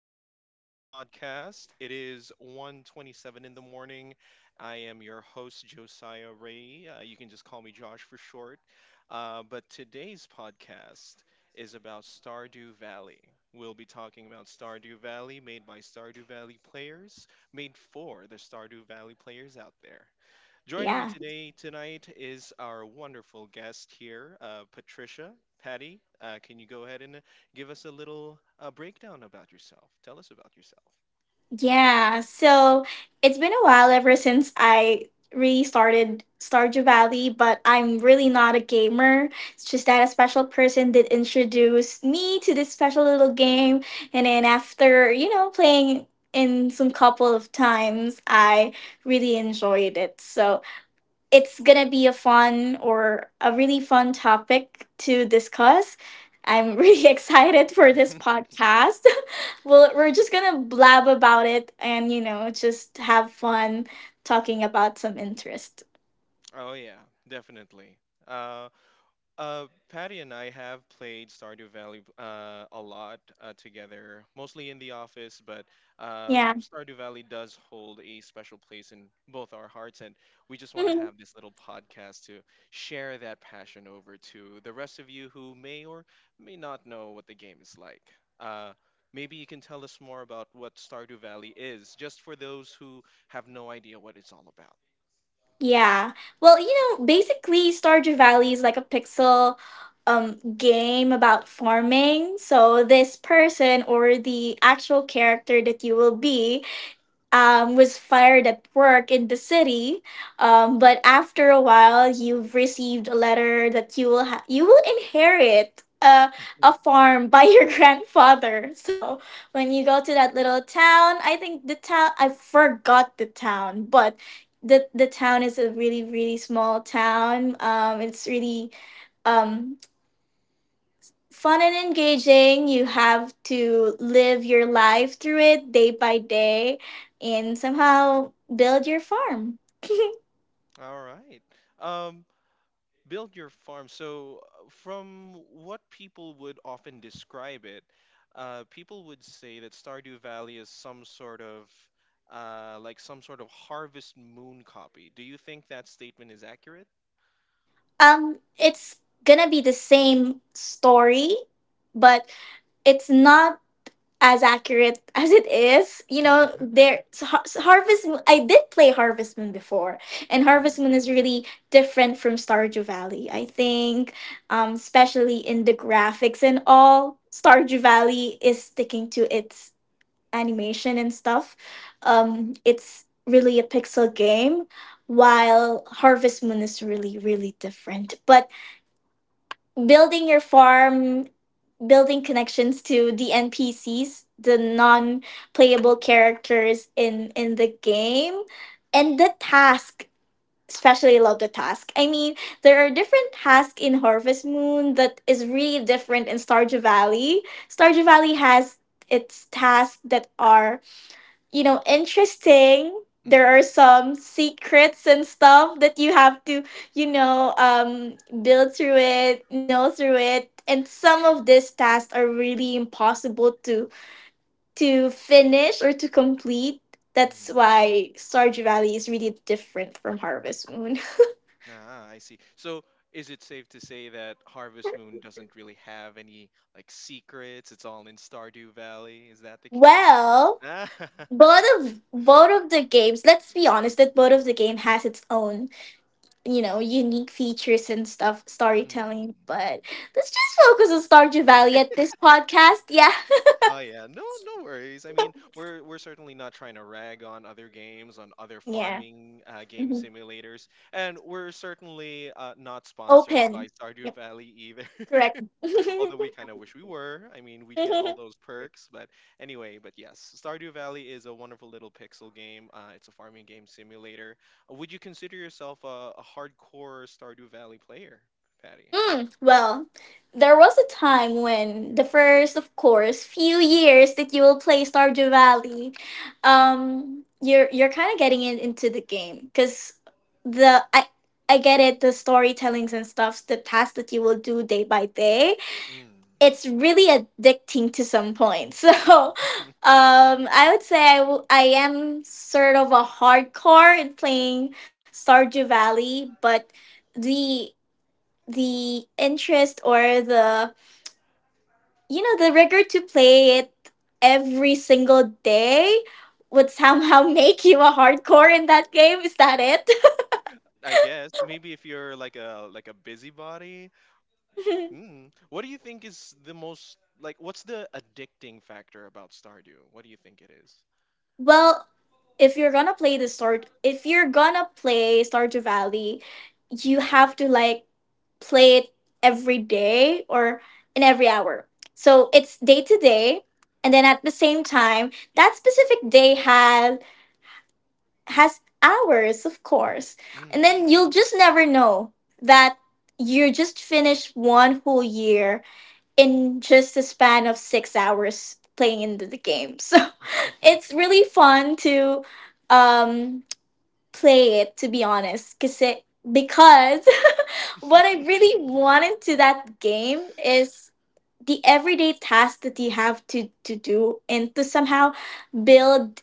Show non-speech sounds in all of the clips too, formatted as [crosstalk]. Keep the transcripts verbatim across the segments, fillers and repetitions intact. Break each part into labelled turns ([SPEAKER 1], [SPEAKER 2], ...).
[SPEAKER 1] to
[SPEAKER 2] Mhm.
[SPEAKER 1] today's podcast. It is one twenty-seven in the morning. I am your host, Josiah Ray. Uh, you can just call me Josh for short. Uh, but today's podcast is about Stardew Valley. We'll be talking about Stardew Valley, made by Stardew Valley players, made for the Stardew Valley players out there. Joining me
[SPEAKER 2] Yeah.
[SPEAKER 1] today tonight is our wonderful guest here, uh, Patricia. Patty, uh, can you go ahead and give us a little uh, breakdown about yourself? Tell us about yourself.
[SPEAKER 2] Yeah. So it's been a while ever since I really started Stardew Valley, but I'm really not a gamer. It's just that a special person did introduce me to this special little game. And then after, you know, playing in some couple of times, I really enjoyed it. So it's gonna be a fun or a really fun topic to discuss. I'm really [laughs] excited for this podcast. Well, we're just gonna blab about it and, you know, just have fun talking about some interest.
[SPEAKER 1] [laughs] Oh yeah, definitely. Uh, Uh, Patty and I have played Stardew Valley uh, a lot uh, together, mostly in the office, but uh,
[SPEAKER 2] Yeah. [laughs]
[SPEAKER 1] Stardew Valley does hold a special place in both our hearts, and we just want to
[SPEAKER 2] Mhm.
[SPEAKER 1] have this little podcast to share that passion over to the rest of you who may or may not know what the game is like. Uh, maybe you can tell us more about what Stardew Valley is, just for those who have no idea what it's all about.
[SPEAKER 2] Yeah. Well, you know, basically, Stardew Valley is like a pixel um game about farming. So this person or the actual character that you will be um, was fired at work in the city. Um, but after a while, you've received a letter that you will ha- you will inherit a a
[SPEAKER 1] [laughs]
[SPEAKER 2] farm by [laughs] your grandfather. So when you go to that little town, I think the town I forgot the town, but the the town is a really really small town. Um, it's really um fun and engaging. You have to live your life through it day by day and somehow build your farm.
[SPEAKER 1] All right. Um, Build your farm. So, uh, from what people would often describe it, uh, people would say that Stardew Valley is some sort of uh, like some sort of Harvest Moon copy. Do you think that statement is accurate?
[SPEAKER 2] Um, it's gonna be the same story, but it's not as accurate [laughs] as it is. You know,
[SPEAKER 1] [laughs]
[SPEAKER 2] there so Har- so Harvest Moon. I did play Harvest Moon before, and Harvest
[SPEAKER 1] Mm,
[SPEAKER 2] Moon is really different from Stardew Valley. I think um, especially in the graphics and all. Stardew Valley is sticking to its animation and stuff.
[SPEAKER 1] mm-hmm,
[SPEAKER 2] Um, it's really a pixel game, while Harvest Moon is really, really different. But building your farm, building connections to the N P Cs, the non playable characters in, in the game, and the task. Especially love the task. I mean, there are different tasks in Harvest Moon that is really different in Stardew Valley. Stardew Valley has its tasks that are you know, interesting. There are
[SPEAKER 1] mm-hmm,
[SPEAKER 2] some secrets and stuff that you have to, you know, um, build through it, know through it. And some of these tasks are really impossible to to finish or to complete. That's
[SPEAKER 1] mm-hmm.
[SPEAKER 2] why Stardew Valley is really different from Harvest Moon. [laughs]
[SPEAKER 1] Ah, I see. So, is it safe to say that Harvest Moon doesn't really have any like secrets? It's all in Stardew Valley. Is that the case?
[SPEAKER 2] Well,
[SPEAKER 1] [laughs] Ah, [laughs]
[SPEAKER 2] both of both of the games, let's be honest that both of the game has its own you know, unique features and stuff,
[SPEAKER 1] mm.
[SPEAKER 2] storytelling. But let's just focus on Stardew Valley at this podcast. Yeah.
[SPEAKER 1] Oh yeah, no, no worries. I mean, we're we're certainly not trying to rag on other games, on other
[SPEAKER 2] Yeah.
[SPEAKER 1] farming uh, game
[SPEAKER 2] Hmm.
[SPEAKER 1] simulators, and we're certainly uh, not sponsored
[SPEAKER 2] Open.
[SPEAKER 1] by Stardew
[SPEAKER 2] Yep.
[SPEAKER 1] Valley either.
[SPEAKER 2] Correct. [laughs]
[SPEAKER 1] [laughs] Although we kind of wish we were. I mean, we'd get all those perks, but anyway. But yes, Stardew Valley is a wonderful little pixel game. Uh, it's a farming game simulator. Uh, Would you consider yourself a, a hardcore Stardew Valley player, Patty?
[SPEAKER 2] mm, well, there was a time when the first, of course, few years that you will play Stardew Valley, um, you're you're kind of getting in, into the game because the I I get it the storytellings and stuffs the tasks that you will do day by day
[SPEAKER 1] Mm.
[SPEAKER 2] it's really addicting to some point. [laughs] So,
[SPEAKER 1] [laughs]
[SPEAKER 2] um, I would say I, w- I am sort of a hardcore in playing Stardew Valley, but the the interest or the you know the rigor to play it every single day would somehow [laughs] make you a hardcore in that game. Is that
[SPEAKER 1] I guess maybe if you're like a like a busybody.
[SPEAKER 2] it?
[SPEAKER 1] Mm. What do you think is the most like what's the addicting factor about Stardew? What do you think it is?
[SPEAKER 2] [laughs] Well, if you're gonna play the sort, if you're gonna play Stardew Valley, you have to like play it every day or in every hour. So it's day to day, and then at the same time that specific day has has hours of course. And then
[SPEAKER 1] Mm.
[SPEAKER 2] you'll just never know that you just finished one whole year in just a span of six hours playing into the game. [laughs] So it's
[SPEAKER 1] [laughs]
[SPEAKER 2] really fun to um play it to be honest cause it, because [laughs] what I really wanted to that game is the everyday tasks that you have to, to do and to somehow build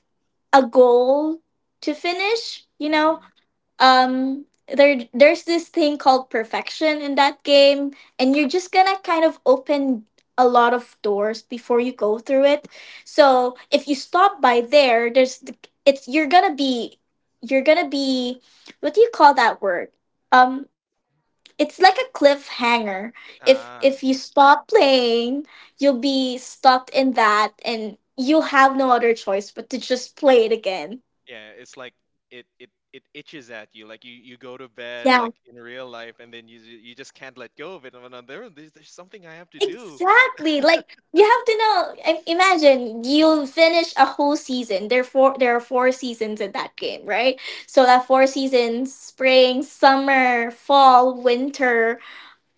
[SPEAKER 2] a goal to finish, you know.
[SPEAKER 1] hmm
[SPEAKER 2] um there there's this thing called perfection in that game, and you're just gonna kind of open a lot of doors before you go through it. So if you stop by there there's the- it's you're gonna be you're gonna be what do you call that word, um it's like a cliffhanger. If if you
[SPEAKER 1] Ah,
[SPEAKER 2] stop playing, you'll be stopped in that, and you'll have no other choice but to just play it again.
[SPEAKER 1] yeah, it's like it it it itches at you. Like you you go to bed
[SPEAKER 2] Yeah.
[SPEAKER 1] like in real life, and then you ju- you just can't let go of it. And then there there's, there's something I have to do.
[SPEAKER 2] Exactly. Like you have to know. I- Imagine you finish a whole season. There are four. There are four seasons in that
[SPEAKER 1] Mm,
[SPEAKER 2] game, right? So that four seasons: spring, summer, fall, winter.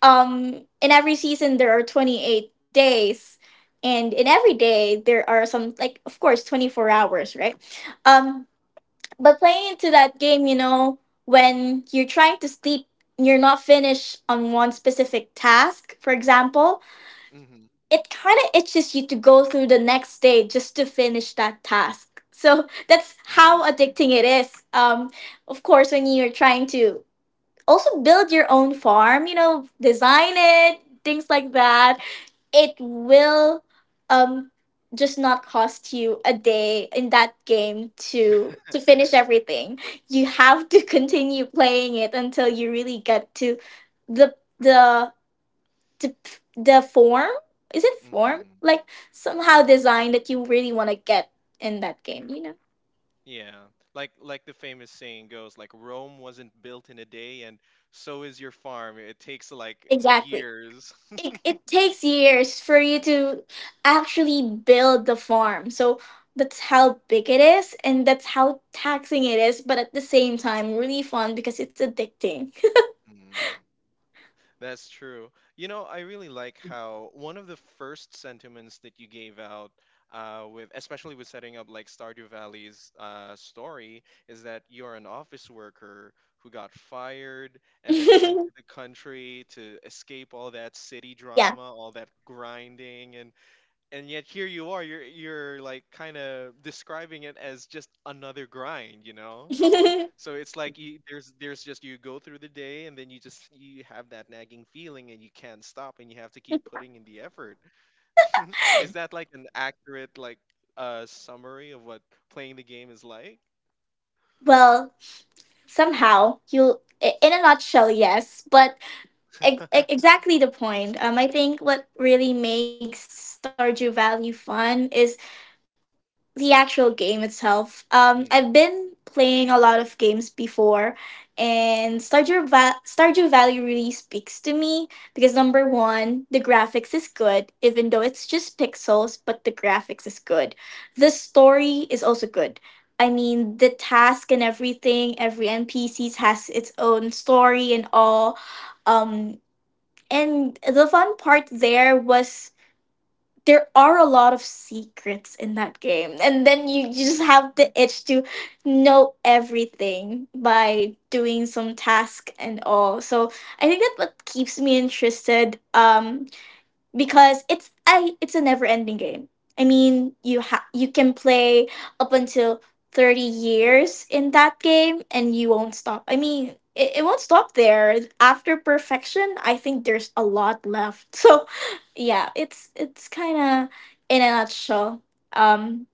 [SPEAKER 2] Um, in every season there are twenty eight days, and in every day there are some like of course twenty four hours, right? Um, but playing into that game, you know, when you're trying to sleep, you're not finished on one specific task. For example,
[SPEAKER 1] hmm.
[SPEAKER 2] it kind of itches you to go through the next day just to finish that task. So that's
[SPEAKER 1] Mm,
[SPEAKER 2] how addicting it is. Um, of course, when you're trying to also build your own farm, you know, design it, things like that, it will um, just not cost you a day in that game to to finish everything. You have to [laughs] continue playing it until you really get to the the the, the form, is it form
[SPEAKER 1] hmm.
[SPEAKER 2] like somehow design that you really want to get in that game, you know.
[SPEAKER 1] Yeah, like like the famous saying goes, like Rome wasn't built in a day, and so is your farm. It takes like
[SPEAKER 2] Exactly.
[SPEAKER 1] years.
[SPEAKER 2] It,
[SPEAKER 1] [laughs]
[SPEAKER 2] it takes years for you to actually build the farm, so that's how big it is, and that's how taxing it is, but at the same time really fun because it's addicting.
[SPEAKER 1] Mm, that's true. You know, I really like how one of the first sentiments that you gave out uh, with, especially with setting up like Stardew Valley's uh, story, is that you're an office worker who got fired and then went to the country to escape all that city
[SPEAKER 2] [laughs] Yeah.
[SPEAKER 1] drama, all that grinding, and and yet here you are. You're you're like kind of describing it as just another grind, you know?
[SPEAKER 2] [laughs]
[SPEAKER 1] So it's like you, there's there's just you go through the day and then you just you have that nagging feeling and you can't stop and you have to keep putting in the effort. [laughs] Is that like an accurate like uh summary of what playing the game is like?
[SPEAKER 2] Well, somehow you'll i- in a nutshell yes, but ex- ex- exactly the point. Um, I think what really makes Stardew Valley fun is the actual game itself. Um,
[SPEAKER 1] Mm.
[SPEAKER 2] I've been playing a lot of games before, and Stardew Va- Stardew Valley really speaks to me because number one, the graphics is good, even though it's just pixels, but the graphics is good. The story is also good. I mean, the task and everything, every N P Cs has its own story and all. Um, and the fun part there was there are a lot of secrets in that game. And then you, you just
[SPEAKER 1] Mm.
[SPEAKER 2] have the itch to know everything by doing some task and all. So I think that what keeps me interested. Um because it's a it's a never ending game. I mean, you ha- you can play up until thirty years in that game and you won't stop. I mean, it, it won't stop there. After perfection, I think there's a lot left. [laughs] So, yeah, it's it's kind of in a nutshell um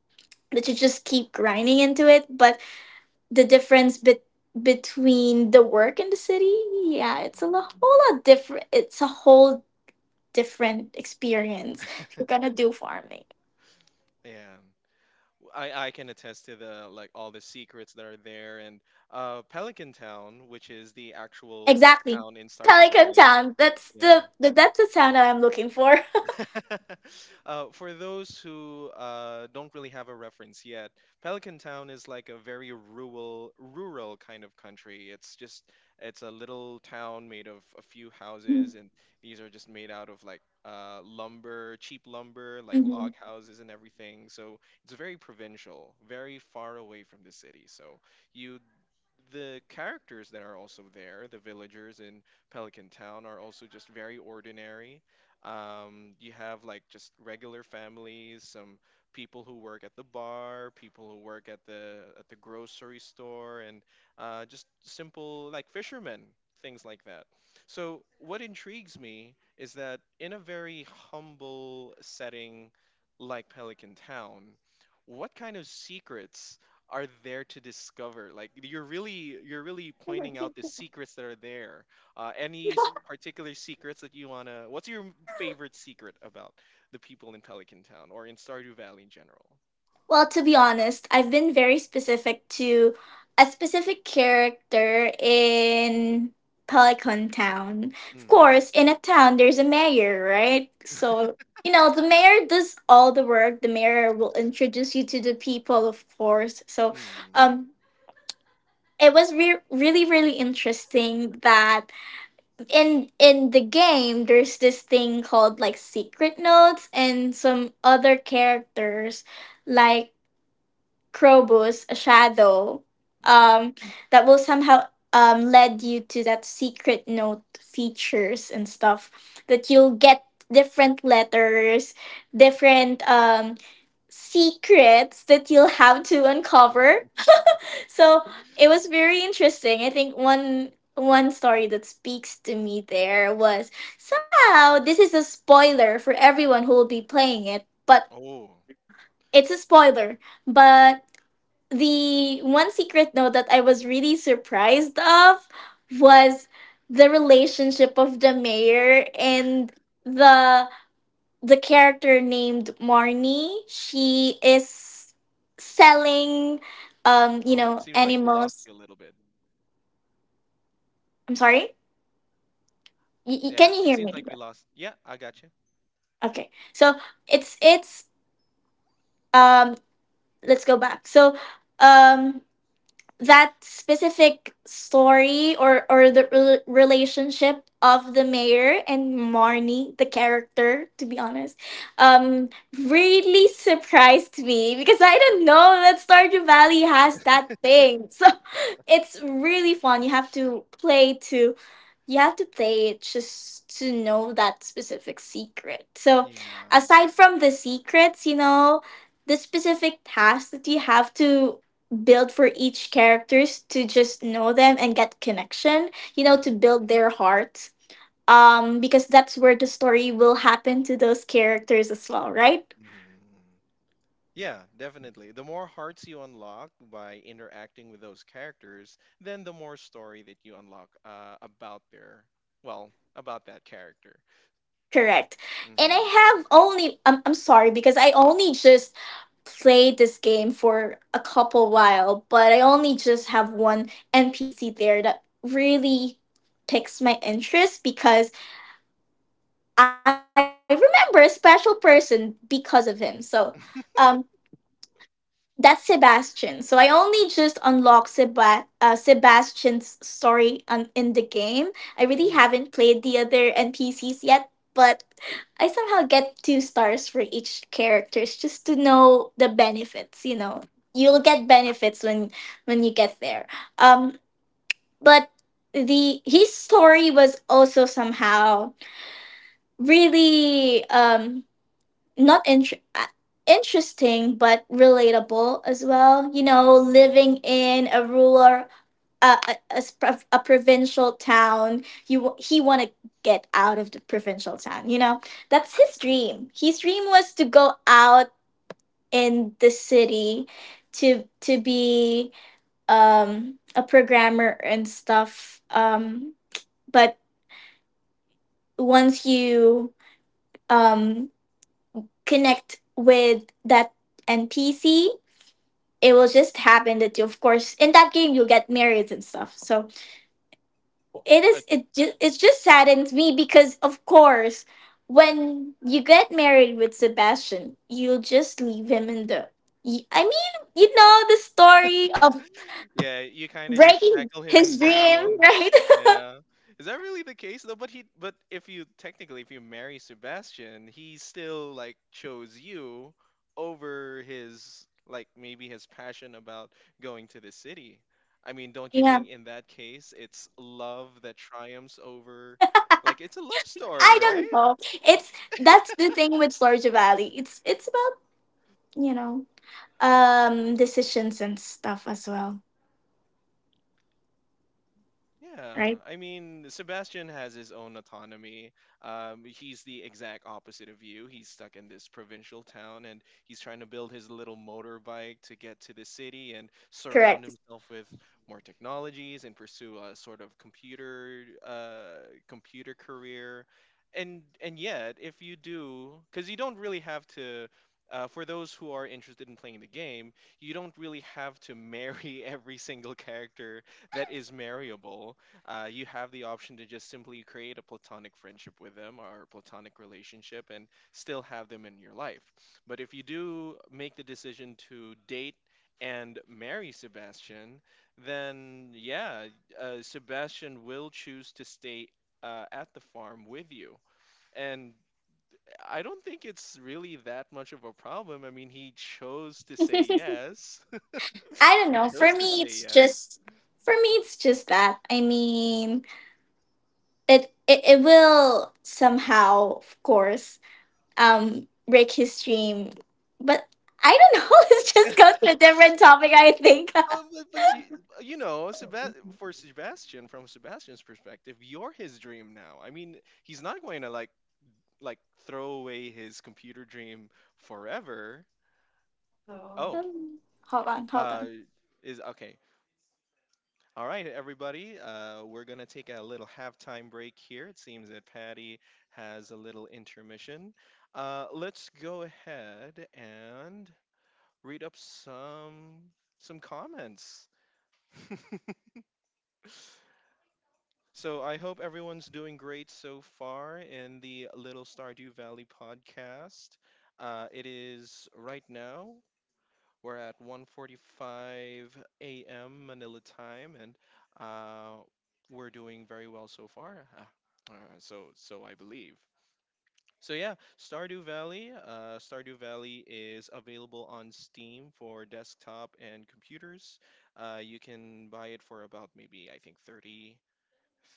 [SPEAKER 2] that you just keep grinding into it, but the difference bet between the work and the city, yeah, it's a lo-
[SPEAKER 1] Mm.
[SPEAKER 2] whole lot different. It's a whole different experience if you're gonna do farming.
[SPEAKER 1] Yeah, I I can attest to the like all the secrets that are there and uh Pelican Town, which is the actual like
[SPEAKER 2] Exactly.
[SPEAKER 1] town in Stardew
[SPEAKER 2] Pelican
[SPEAKER 1] Valley.
[SPEAKER 2] Town. That's
[SPEAKER 1] Yeah.
[SPEAKER 2] the, the that's the sound that I'm looking for.
[SPEAKER 1] [laughs] Uh, for those who uh, don't really have a reference yet, Pelican Town is like a very rural, rural kind of country. It's just it's a little town made of a few houses, and
[SPEAKER 2] [laughs]
[SPEAKER 1] these are just made out of like uh, lumber, cheap lumber, like log
[SPEAKER 2] Mhm.
[SPEAKER 1] houses and everything. So it's very provincial, very far away from the city. So you the characters that are also there, the villagers in Pelican Town, are also just very ordinary. Um, you have like just regular families, some people who work at the bar, people who work at the at the grocery store, and uh, just simple like fishermen, things like that. So what intrigues me is that in a very humble setting like Pelican Town, what kind of secrets are there to discover like you're really you're really pointing out the
[SPEAKER 2] Mhm.
[SPEAKER 1] secrets that are there. Uh, any s- particular secrets that you want to what's your m- favorite secret about the people in Pelican Town or in Stardew Valley in general?
[SPEAKER 2] Well, to be honest, I've been very specific to a specific character in Pelican Town. Of
[SPEAKER 1] Mm.
[SPEAKER 2] course, in a town, there's a mayor, right? So, you know, the mayor does all the work. The mayor will introduce you to the people, of course. So,
[SPEAKER 1] Mm.
[SPEAKER 2] um, it was re- really really interesting that in in the game there's this thing called like secret notes and some other characters like Krobus, a shadow
[SPEAKER 1] Mm.
[SPEAKER 2] um that will somehow um lead you to that secret note features and stuff, that you'll get different letters, different um secrets that you'll have to uncover.
[SPEAKER 1] [laughs]
[SPEAKER 2] So it was very interesting. I think one one story that speaks to me there was somehow, this is a spoiler for everyone who will be playing it, but
[SPEAKER 1] oh
[SPEAKER 2] it's a spoiler. But the one secret note that I was really surprised of was the relationship of the mayor and the the character named Marnie. She is selling um, you
[SPEAKER 1] oh it
[SPEAKER 2] know,
[SPEAKER 1] seems like we lost
[SPEAKER 2] animals.
[SPEAKER 1] you a little bit.
[SPEAKER 2] I'm sorry? Y- y-
[SPEAKER 1] Yeah,
[SPEAKER 2] can you
[SPEAKER 1] it
[SPEAKER 2] hear
[SPEAKER 1] seems
[SPEAKER 2] me?
[SPEAKER 1] like we lost. Yeah, I got you.
[SPEAKER 2] Okay. So it's it's um let's go back. So um that specific story, or or the rel relationship of the mayor and Marnie the character, to be honest, um really surprised me because I didn't know that Stardew Valley has that thing. So [laughs] it's really fun. You have to play to you have to play it just to know that specific secret. So
[SPEAKER 1] Yeah.
[SPEAKER 2] aside from the secrets, you know, the specific tasks that you have to build for each characters to just know them and get connection, you know, to
[SPEAKER 1] Hmm.
[SPEAKER 2] build their heart, um because that's where the story will happen to those characters as well, right?
[SPEAKER 1] Hmm. Yeah, definitely. The more hearts you unlock by interacting with those characters, then the more story that you unlock uh, about their, well, about that character.
[SPEAKER 2] Correct. And
[SPEAKER 1] Mm-hmm.
[SPEAKER 2] I have only i'm, I'm sorry because I only just played this game for a couple while, but I only just have one NPC there that really picks my interest, because I remember a special person because of him. So um that's Sebastian. So I only just unlocked Seba- uh, Sebastian's story on- in the game. I really haven't played the other N P Cs yet, but I somehow get two stars for each characters just to know the benefits. You know, you'll get benefits when when you get there. Um, but the his story was also somehow really um not int- uh, interesting but relatable as well, you know,
[SPEAKER 1] Mm-hmm.
[SPEAKER 2] living in a rural uh, a, a, s- prov- a provincial town. You w- he want to get out of the provincial town, you know. That's his dream. His dream was to go out in the city, to to be um a programmer and stuff. Um but once you um connect with that NPC, it will just happen that you, of course, in that game, you get married and stuff. So it is it just it just saddens me because, of course, when you get married with Sebastian, you'll just leave him in the y- i mean you know the story of
[SPEAKER 1] Yeah, you kind of just
[SPEAKER 2] breaking
[SPEAKER 1] shackle him
[SPEAKER 2] his dream,
[SPEAKER 1] down.
[SPEAKER 2] right?
[SPEAKER 1] Yeah. Is that really the case though? But he but if you technically if you marry Sebastian, he still like chose you over his like maybe his passion about going to the city. I mean,
[SPEAKER 2] [laughs]
[SPEAKER 1] don't you
[SPEAKER 2] Yeah,
[SPEAKER 1] think in that case it's love that triumphs over like it's a love story,
[SPEAKER 2] I
[SPEAKER 1] right?
[SPEAKER 2] don't know. It's That's the thing with Storage Valley. It's it's about, you know, um decisions and stuff as well.
[SPEAKER 1] Yeah,
[SPEAKER 2] Right,
[SPEAKER 1] I mean, Sebastian has his own autonomy. Um, he's the exact opposite of you. He's stuck in this provincial town and he's trying to build his little motorbike to get to the city and surround
[SPEAKER 2] correct.
[SPEAKER 1] himself with more technologies and pursue a sort of computer uh, computer career. And and yet, if you do, because you don't really have to. Uh, for those who are interested in playing the game, you don't really have to marry [laughs] every single character that is marryable. Uh, you have the option to just simply create a platonic friendship with them or a platonic relationship and still have them in your life. But if you do make the decision to date and marry Sebastian, then yeah, uh, Sebastian will choose to stay uh, at the farm with you. And I don't think it's really that much of a problem. I mean, he chose to say yes.
[SPEAKER 2] I
[SPEAKER 1] [laughs]
[SPEAKER 2] don't
[SPEAKER 1] He
[SPEAKER 2] know. For
[SPEAKER 1] chose to
[SPEAKER 2] me,
[SPEAKER 1] say
[SPEAKER 2] it's
[SPEAKER 1] yes.
[SPEAKER 2] just for me, it's just that. I mean, it it, it will somehow, of course, um, break his dream. But I don't know. [laughs] Let's just go to a different topic, I think.
[SPEAKER 1] Um,
[SPEAKER 2] [laughs]
[SPEAKER 1] but, but you, uh, you know, Sebas- for Sebastian, from Sebastian's perspective, you're his dream now. I mean, he's not going to like like throw away his computer dream forever. Oh,
[SPEAKER 2] Um, hold on, hold
[SPEAKER 1] uh,
[SPEAKER 2] on.
[SPEAKER 1] is okay. All right, everybody. Uh, we're gonna take a little halftime break here. It seems that Patty has a little intermission. Uh, let's go ahead and read up some some comments. [laughs] So I hope everyone's doing great so far in the Little Stardew Valley podcast. Uh, it is right now. We're at one forty-five a m. Manila time, and uh, we're doing very well so far. Uh, uh, so, so I believe. So yeah, Stardew Valley. Uh, Stardew Valley is available on Steam for desktop and computers. Uh, you can buy it for about maybe I think 30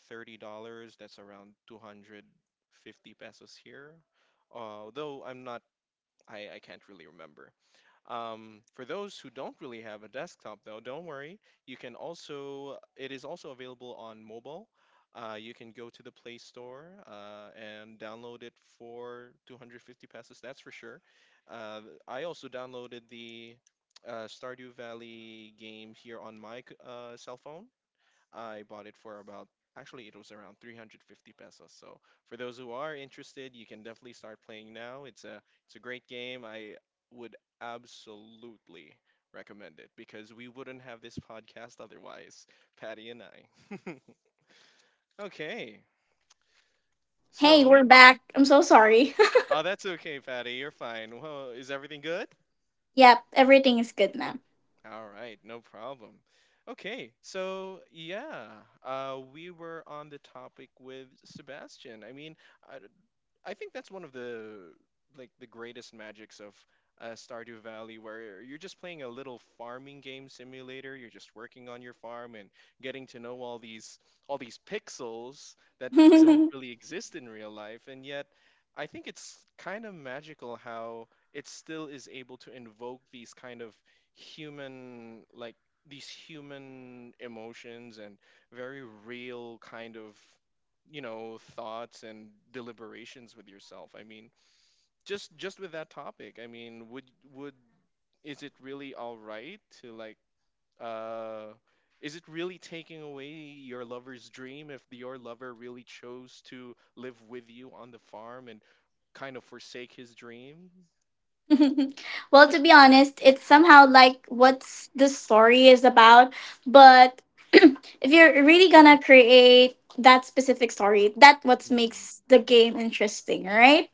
[SPEAKER 1] thirty dollars. That's around two hundred fifty pesos here. Although I'm not, I, I can't really remember. Um, for those who don't really have a desktop, though, don't worry. You can also, it is also available on mobile. Uh, you can go to the Play Store uh, and download it for two hundred fifty pesos, that's for sure. Uh, I also downloaded the uh, Stardew Valley game here on my c- uh, cell phone. I bought it for about, actually it was around three hundred fifty pesos. So for those who are interested, you can definitely start playing now. It's a it's a great game. I would absolutely recommend it because we wouldn't have this podcast otherwise, Patty and I. [laughs] Okay.
[SPEAKER 2] Hey, we're
[SPEAKER 1] So,
[SPEAKER 2] back. I'm so sorry.
[SPEAKER 1] oh, that's okay, Patty. You're fine. Well, is everything good?
[SPEAKER 2] [laughs] Yep, everything is good now.
[SPEAKER 1] All right, no problem. Okay, so yeah, uh, we were on the topic with Sebastian. I mean, I, I think that's one of the like the greatest magics of uh, Stardew Valley, where you're just playing a little farming game simulator. You're just working on your farm and getting to know all these all these pixels that don't
[SPEAKER 2] [laughs]
[SPEAKER 1] really exist in real life, and yet. I think it's kind of magical how it still is able to invoke these kind of human, like these human emotions and very real kind of you know thoughts and deliberations with yourself. I mean, just just with that topic, I mean, would would is it really all right to like uh is it really taking away your lover's dream if your lover really chose to live with you on the farm and kind of forsake his dream?
[SPEAKER 2] [laughs] Well, to be honest, it's somehow like what the story is about. But [clears throat] if you're really gonna create that specific story, that what
[SPEAKER 1] Mm.
[SPEAKER 2] makes the game interesting, right?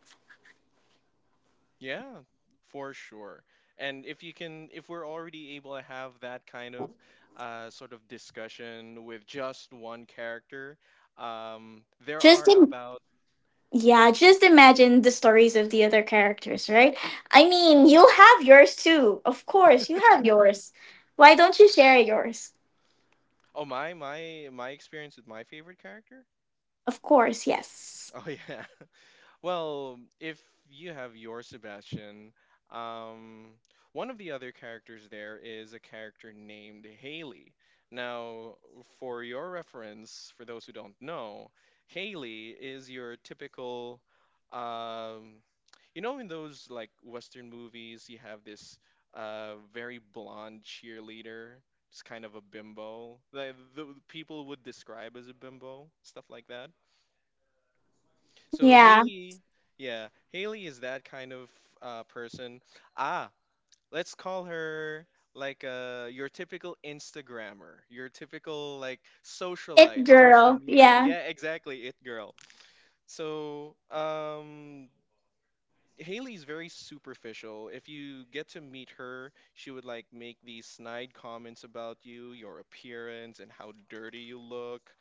[SPEAKER 1] Yeah, for sure. And if you can, if we're already able to have that kind of uh, sort of discussion with just one character, um, there
[SPEAKER 2] Just
[SPEAKER 1] are
[SPEAKER 2] Im-
[SPEAKER 1] about,
[SPEAKER 2] yeah, just imagine the stories of the other characters, right? I mean, you'll have yours too. Of course, you have yours. Why don't you share yours?
[SPEAKER 1] oh, my, my, my experience with my favorite character? [laughs]
[SPEAKER 2] Of course, yes.
[SPEAKER 1] Oh, yeah. Well, if you have your Sebastian, um, one of the other characters there is a character named Haley. Now, for your reference, for those who don't know, Haley is your typical, um, you know, in those like Western movies, you have this uh, very blonde cheerleader. It's kind of a bimbo. Like the the people would describe as a bimbo, stuff like that. So
[SPEAKER 2] Yeah.
[SPEAKER 1] Haley, yeah, Haley is that kind of uh, person. Ah, let's call her like uh, your typical Instagrammer, your typical like
[SPEAKER 2] It
[SPEAKER 1] socialite, social
[SPEAKER 2] girl,
[SPEAKER 1] media.
[SPEAKER 2] yeah.
[SPEAKER 1] Yeah, exactly, it girl. So um, Haley's very superficial. If you get to meet her, she would like make these snide comments about you, your appearance, and how dirty you look,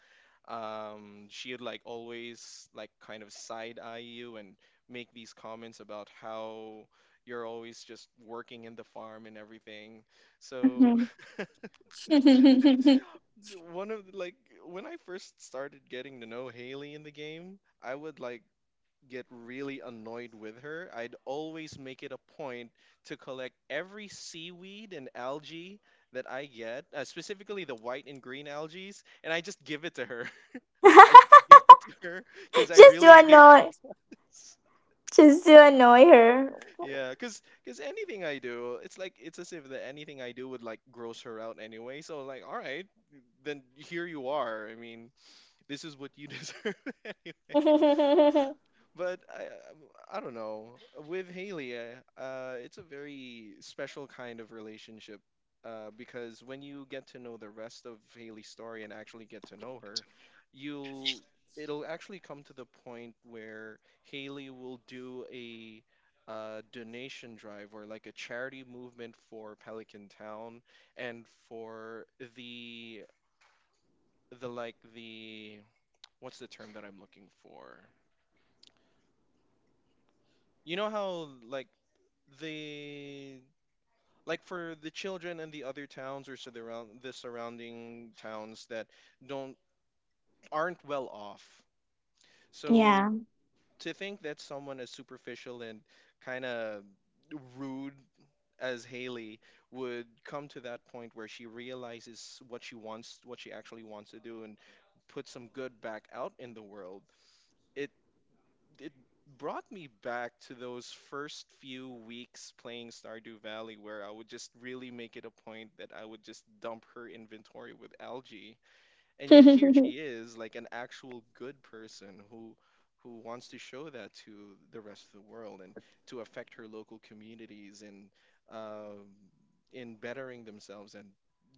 [SPEAKER 1] um, she'd like always like kind of side eye you and make these comments about how you're always just working in the farm and everything. So
[SPEAKER 2] Mhm.
[SPEAKER 1] [laughs] one of like when I first started getting to know Haley in the game, I would like get really annoyed with her. I'd always make it a point to collect every seaweed and algae that I get, uh, specifically the white and green algae, and I just give it to her. I just
[SPEAKER 2] [laughs]
[SPEAKER 1] gift it to her [laughs] because I
[SPEAKER 2] Just
[SPEAKER 1] really
[SPEAKER 2] to
[SPEAKER 1] hate
[SPEAKER 2] know.
[SPEAKER 1] [laughs] this.
[SPEAKER 2] Just to annoy her.
[SPEAKER 1] Yeah, because because anything I do, it's like it's as if that anything I do would like gross her out anyway. So like, all right, then here you are. I mean, this is what you [laughs] deserve. Anyway.
[SPEAKER 2] [laughs]
[SPEAKER 1] But I, I don't know. With Haley, uh, uh, it's a very special kind of relationship, uh, because when you get to know the rest of Haley's story and actually get to know her, you'll it'll actually come to the point where Haley will do a uh, donation drive or like a charity movement for Pelican Town and for the the like the what's the term that I'm looking for? You know how like the like for the children and the other towns or surround the surrounding towns that don't aren't well off.
[SPEAKER 2] Yeah.
[SPEAKER 1] So to think that someone as superficial and kind of rude as Haley would come to that point where she realizes what she wants, what she actually wants to do, and put some good back out in the world, it it brought me back to those first few weeks playing Stardew Valley where I would just really make it a point that I would just dump her inventory with algae. And yet here she
[SPEAKER 2] [laughs]
[SPEAKER 1] is, like an actual good person who who wants to show that to the rest of the world and to affect her local communities and um, in bettering themselves and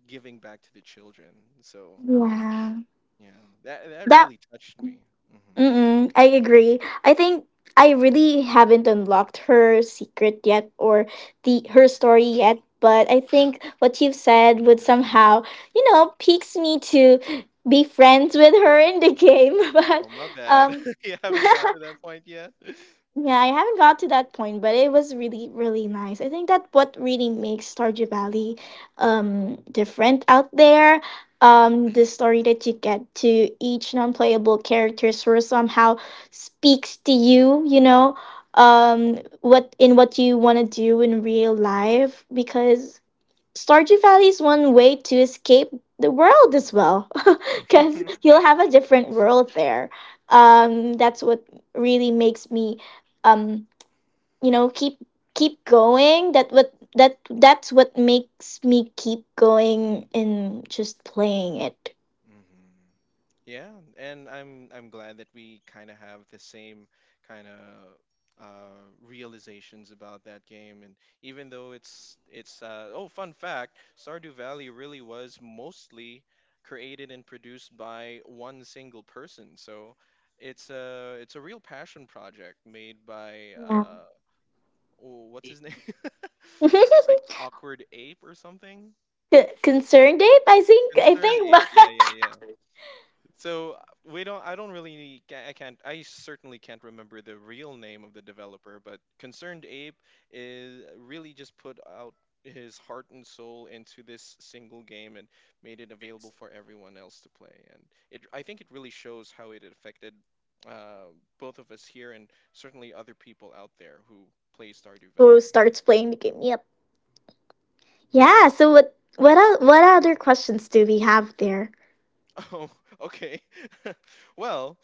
[SPEAKER 1] giving back to the children. So
[SPEAKER 2] Yeah.
[SPEAKER 1] yeah, that that
[SPEAKER 2] That
[SPEAKER 1] really touched me. Hmm.
[SPEAKER 2] mm-mm, I agree. I think I really haven't unlocked her secret yet, or the her story yet, but I think what you've said would somehow, you know, piques me to be friends with her in the game, [laughs] but
[SPEAKER 1] Oh, my bad.
[SPEAKER 2] um
[SPEAKER 1] [laughs] You haven't got
[SPEAKER 2] [laughs]
[SPEAKER 1] to that point yet. [laughs]
[SPEAKER 2] yeah, I haven't got to that point, but it was really, really nice. I think that what really makes Stardew Valley um different out there,
[SPEAKER 1] Mm.
[SPEAKER 2] um, the story that you get to each non-playable character sort of somehow speaks to you, you know, um, what in what you want to do in real life, because Stardew Valley is one way to escape the world as well, [laughs] because
[SPEAKER 1] Hmm.
[SPEAKER 2] you'll have a different world there. Um, that's what really makes me, um, you know, keep keep going. That what that that's what makes me keep going in just playing it.
[SPEAKER 1] Mm-hmm. Yeah, and I'm I'm glad that we kind of have the same kind of uh, realizations about that game. And even though it's it's uh, oh, fun fact, Stardew Valley really was mostly created and produced by one single person. So it's a it's a real passion project made by
[SPEAKER 2] Yeah.
[SPEAKER 1] uh, oh, what's his name? [laughs] Like
[SPEAKER 2] [laughs]
[SPEAKER 1] Awkward Ape or something.
[SPEAKER 2] C- Concerned Ape, I think. I
[SPEAKER 1] Concerned
[SPEAKER 2] think
[SPEAKER 1] Ape. Yeah, yeah, yeah. So uh, we don't. I don't really. ca- I can't. I certainly can't remember the real name of the developer, but Concerned Ape is really just put out his heart and soul into this single game and made it available for everyone else to play. And it. I think it really shows how it affected uh, both of us here and certainly other people out there who play Stardew
[SPEAKER 2] [laughs] who
[SPEAKER 1] Valley.
[SPEAKER 2] starts playing the game. Yep. Yeah. So what what el- what other questions do we have there?
[SPEAKER 1] [laughs] Oh, okay. [laughs] Well,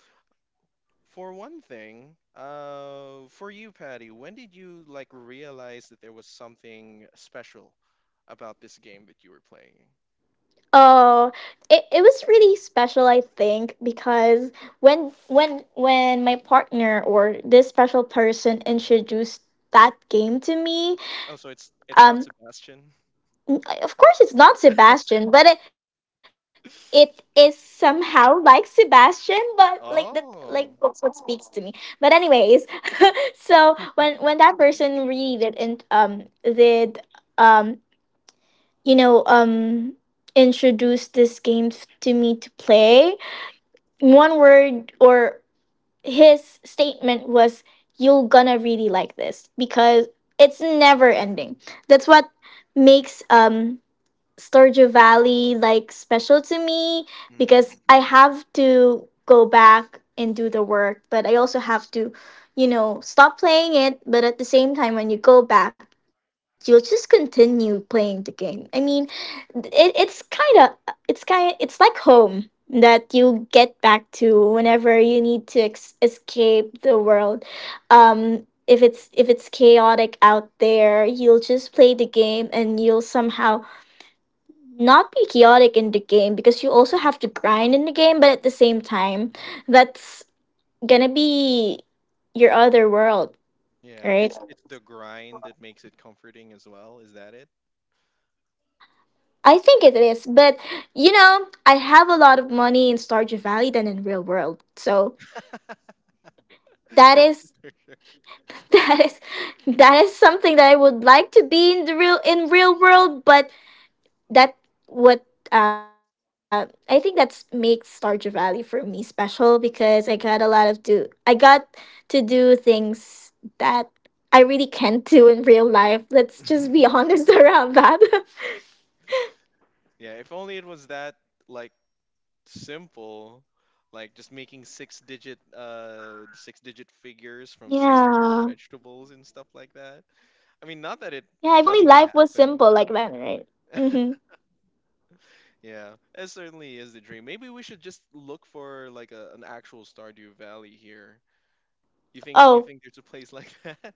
[SPEAKER 1] for one thing, uh, for you, Patty, when did you like realize that there was something special about this game that you were playing?
[SPEAKER 2] Oh, it, it was really special, I think, because when when when my partner, or this special person, introduced that game to me,
[SPEAKER 1] Oh, so it's it's not
[SPEAKER 2] um,
[SPEAKER 1] Sebastian.
[SPEAKER 2] n- of course it's not Sebastian, but it it is somehow like Sebastian, but like the like that's what
[SPEAKER 1] Oh.
[SPEAKER 2] speaks to me. But anyways, [laughs] so when when
[SPEAKER 1] [laughs]
[SPEAKER 2] that person read it and um did um you know um introduced this game f- to me to play, one word, or his statement was, you're gonna really like this because it's never ending. That's what makes, um Stardew Valley like special to me, because
[SPEAKER 1] Mm,
[SPEAKER 2] I have to go back and do the work, but I also have to, you know, stop playing it. But at the same time, when you go back, you'll just continue playing the game. I mean, it, it's kind of it's kind it's like home that you get back to whenever you need to ex- escape the world. Um, if it's if it's chaotic out there, you'll just play the game and you'll somehow not be chaotic in the game because you also
[SPEAKER 1] mm,
[SPEAKER 2] have to
[SPEAKER 1] mm, mm.
[SPEAKER 2] grind in the game, but at the same time, that's gonna be your other world,
[SPEAKER 1] Yeah,
[SPEAKER 2] right?
[SPEAKER 1] it's it's the grind that makes it comforting as well. Is that it?
[SPEAKER 2] I think it is, but, you know, I have a lot of money in Stardew Valley than in real world. So that is,
[SPEAKER 1] [laughs]
[SPEAKER 2] [laughs] that is that is something that I would like to be in the real in real world, but that what uh, I think that's makes Stardew Valley for me special because I got a lot of do I got to do things that I really can't do in real life. Let's just be honest [laughs]
[SPEAKER 1] [laughs]
[SPEAKER 2] around that. [laughs]
[SPEAKER 1] Yeah, if only it was that like simple, like just making six digit uh six digit figures
[SPEAKER 2] Yeah.
[SPEAKER 1] from selling your vegetables and stuff like that. I mean, not
[SPEAKER 2] Yeah, if
[SPEAKER 1] that it
[SPEAKER 2] only life was
[SPEAKER 1] doesn't
[SPEAKER 2] simple like
[SPEAKER 1] happen.
[SPEAKER 2] that, right? Mm-hmm.
[SPEAKER 1] Yeah, it certainly is the dream. Maybe we should just look for like a, an actual Stardew Valley here. You think you
[SPEAKER 2] Oh,
[SPEAKER 1] think there's a place like [laughs] that?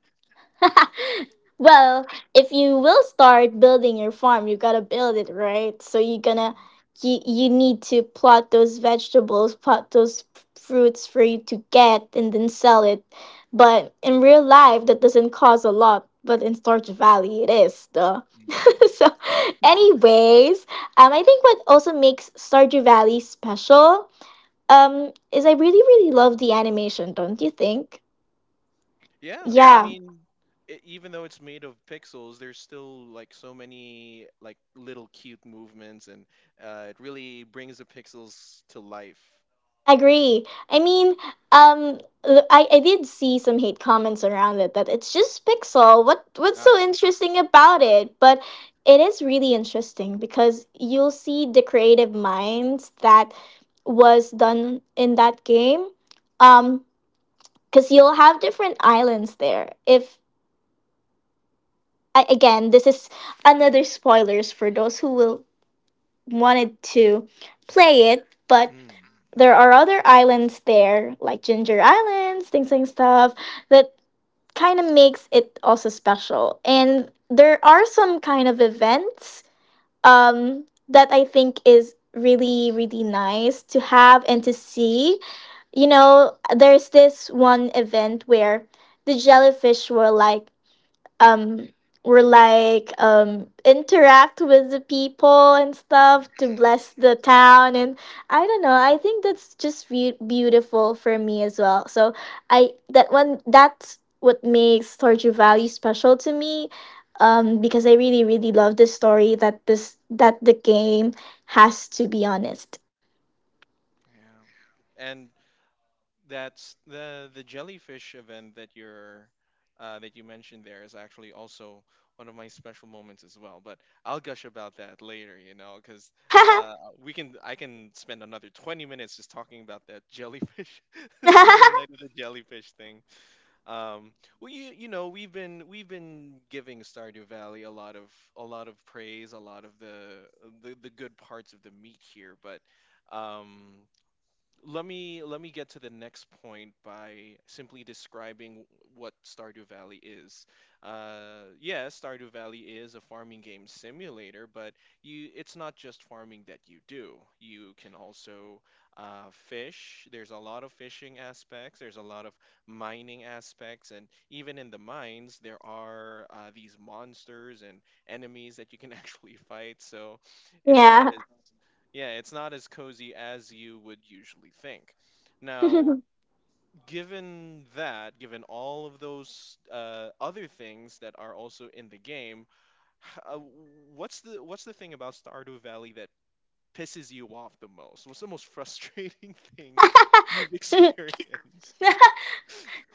[SPEAKER 2] [laughs] well, if you will start building your farm, you gotta build it right. So you're gonna,
[SPEAKER 1] Mm,
[SPEAKER 2] you you need to plot those vegetables, plot those f- fruits for you to get, and then sell it. But in real life, that doesn't cost a lot. But in Storch Valley, it is though. [laughs] So,
[SPEAKER 1] mm.
[SPEAKER 2] anyways, um, I think what also makes Stardew Valley special, um, is I really really love the animation. Don't you think?
[SPEAKER 1] Yeah, I
[SPEAKER 2] Yeah,
[SPEAKER 1] mean, I even though it's made of pixels, there's still like so many like little cute movements, and uh, it really brings the pixels to life.
[SPEAKER 2] agree. I mean, um, l- I I did see some hate comments around it, that it's just pixel. What what's so
[SPEAKER 1] Ah,
[SPEAKER 2] interesting about it? But it is really interesting because you'll see the creative minds that was done in that game. Um, because you'll have different islands there. If I, again, this is another spoilers for those who will wanted to play it, but
[SPEAKER 1] mm,
[SPEAKER 2] there are other islands there, like Ginger Islands, things and stuff, that kind of makes it also special. And there are some kind of events, um, that I think is really, really nice to have and to see. You know, there's this one event where the jellyfish were like, um we're like, um interact with the people and stuff
[SPEAKER 1] mhm,
[SPEAKER 2] to
[SPEAKER 1] mhm.
[SPEAKER 2] bless the town, and I don't know. I think that's just be- beautiful for me as well. So I, that one, that's what makes Torture Valley special to me. Um, because I really really love the story that this that the game has, to be honest. [laughs]
[SPEAKER 1] Yeah. And that's the the jellyfish event that you're uh, that you mentioned there is actually also one of my special moments as well. But I'll gush about that later, you know, because uh, we can I can spend another twenty minutes just talking about that jellyfish, [laughs] the night of the jellyfish thing. Um, well, you you know we've been we've been giving Stardew Valley a lot of a lot of praise, a lot of the the, the good parts of the meat here, but um, let me let me get to the next point by simply describing what Stardew Valley is. Uh, yeah, Stardew Valley is a farming game simulator, but you it's not just farming that you do. You can also uh, fish. There's a lot of fishing aspects. There's a lot of mining aspects, and even in the mines, there are uh, these monsters and enemies that you can [laughs] actually fight. So it's not
[SPEAKER 2] Yeah.
[SPEAKER 1] yeah, it's not as cozy as you would usually think. Now,
[SPEAKER 2] [laughs]
[SPEAKER 1] given that, given all of those uh, other things that are also in the game, h- uh, what's the what's the thing about Stardew Valley that pisses you off the most? What's the most frustrating [laughs] thing you've experienced?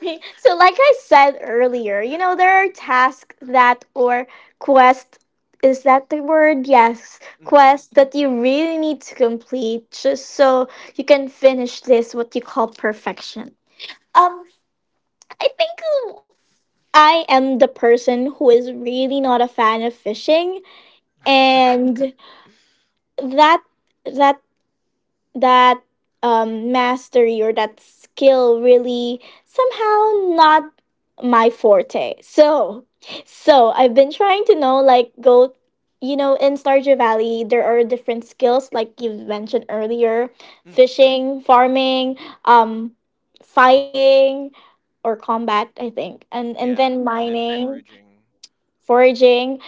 [SPEAKER 2] [laughs] So like I said earlier, you know, there are tasks, that or quest, is that the word? Yes,
[SPEAKER 1] Mm,
[SPEAKER 2] quest, that you really need to complete just so you can finish this what you call perfection. Um, I think I am the person who is really not a fan of fishing, and that that that um, mastery, or that skill, really somehow not my forte. So, so I've been trying to know, like, go. You know, in Stardew Valley there are different skills, like you mentioned earlier,
[SPEAKER 1] mm,
[SPEAKER 2] fishing, farming, um fighting, or combat, I think. And and
[SPEAKER 1] yeah,
[SPEAKER 2] then
[SPEAKER 1] and then
[SPEAKER 2] mining,
[SPEAKER 1] foraging.
[SPEAKER 2] foraging,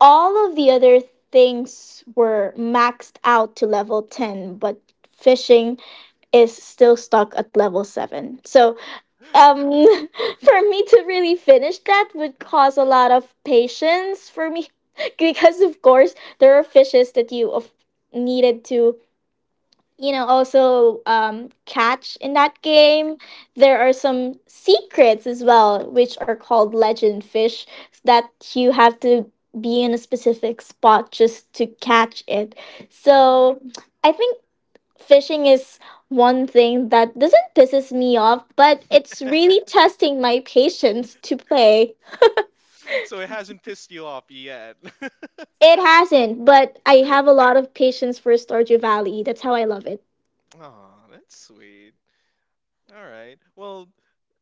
[SPEAKER 2] all of the other things were maxed out to level ten, but fishing is still stuck at level seven. So, um, [laughs] for me to really finish that would cause a lot of patience for me, [laughs] because, of course, there are fishes that you of- needed to, you know, also um, catch in that
[SPEAKER 1] Mm,
[SPEAKER 2] game. There are some secrets as well, which are called legend fish, that you have to be in a specific spot just to catch it.
[SPEAKER 1] mm.
[SPEAKER 2] So,
[SPEAKER 1] [laughs]
[SPEAKER 2] I think fishing is one thing that doesn't pisses me off, but it's really testing my patience to play.
[SPEAKER 1] So it hasn't pissed you off yet.
[SPEAKER 2] It hasn't, but I have a lot of patience for Stardew Valley. That's how I love it.
[SPEAKER 1] [laughs] Aw, that's sweet. All right. Well,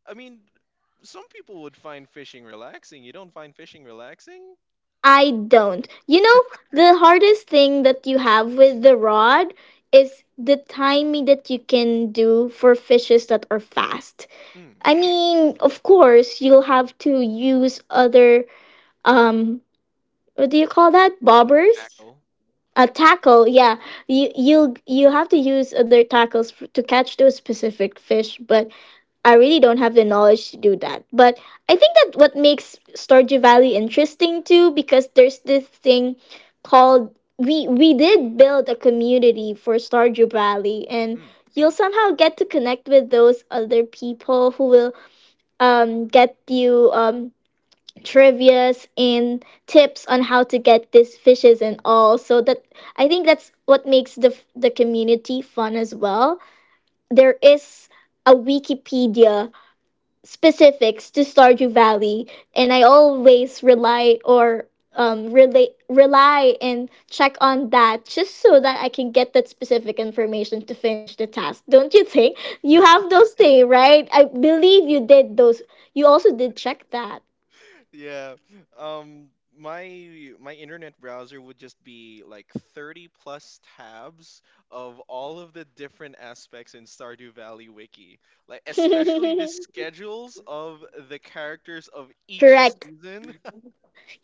[SPEAKER 1] I mean, some people would find fishing relaxing. You don't find fishing relaxing?
[SPEAKER 2] I don't. You know, the hardest thing that you have with the rod is the timing that you can do for fishes that are fast.
[SPEAKER 1] Mm.
[SPEAKER 2] I mean, of course, you'll have to use other um what do you call that?
[SPEAKER 1] Like
[SPEAKER 2] Bobbers.
[SPEAKER 1] tackle.
[SPEAKER 2] A tackle, yeah. You you you have to use other tackles f- to catch those specific fish, but I really don't have the knowledge to do that. But I think that what makes Stardew Valley interesting too, because there's this thing called, we we did build a community for Stardew Valley, and
[SPEAKER 1] Mm.
[SPEAKER 2] you'll somehow get to connect with those other people who will um get you um trivias and tips on how to get these fishes and all. So that, I think that's what makes the the community fun as well. There is a Wikipedia specifics to Stardew Valley, and I always rely, or um rely rely and check on that, just so that I can get that specific information to finish the task. Don't you think you have
[SPEAKER 1] [laughs]
[SPEAKER 2] those things, right? I believe you did those, you also did check that.
[SPEAKER 1] Yeah. Um, my my internet browser would just be like thirty plus tabs of all of the different aspects in Stardew Valley wiki. Like especially the
[SPEAKER 2] [laughs]
[SPEAKER 1] schedules of the characters of each
[SPEAKER 2] Correct.
[SPEAKER 1] season.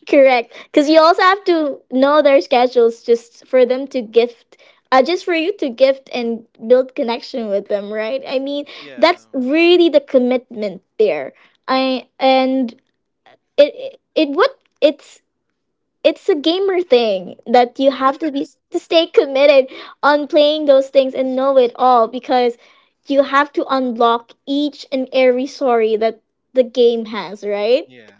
[SPEAKER 2] Correct. Because you also have to know their schedules, just for them to gift, uh, just for you to gift and build connection with them, right? I mean,
[SPEAKER 1] [laughs]
[SPEAKER 2] that's
[SPEAKER 1] Yeah.
[SPEAKER 2] really the commitment there. I and It it would, it's it's a gamer thing that you have to be, to stay committed on playing those things and know it all, because you have to unlock each and every story that the game has, right?
[SPEAKER 1] Yeah.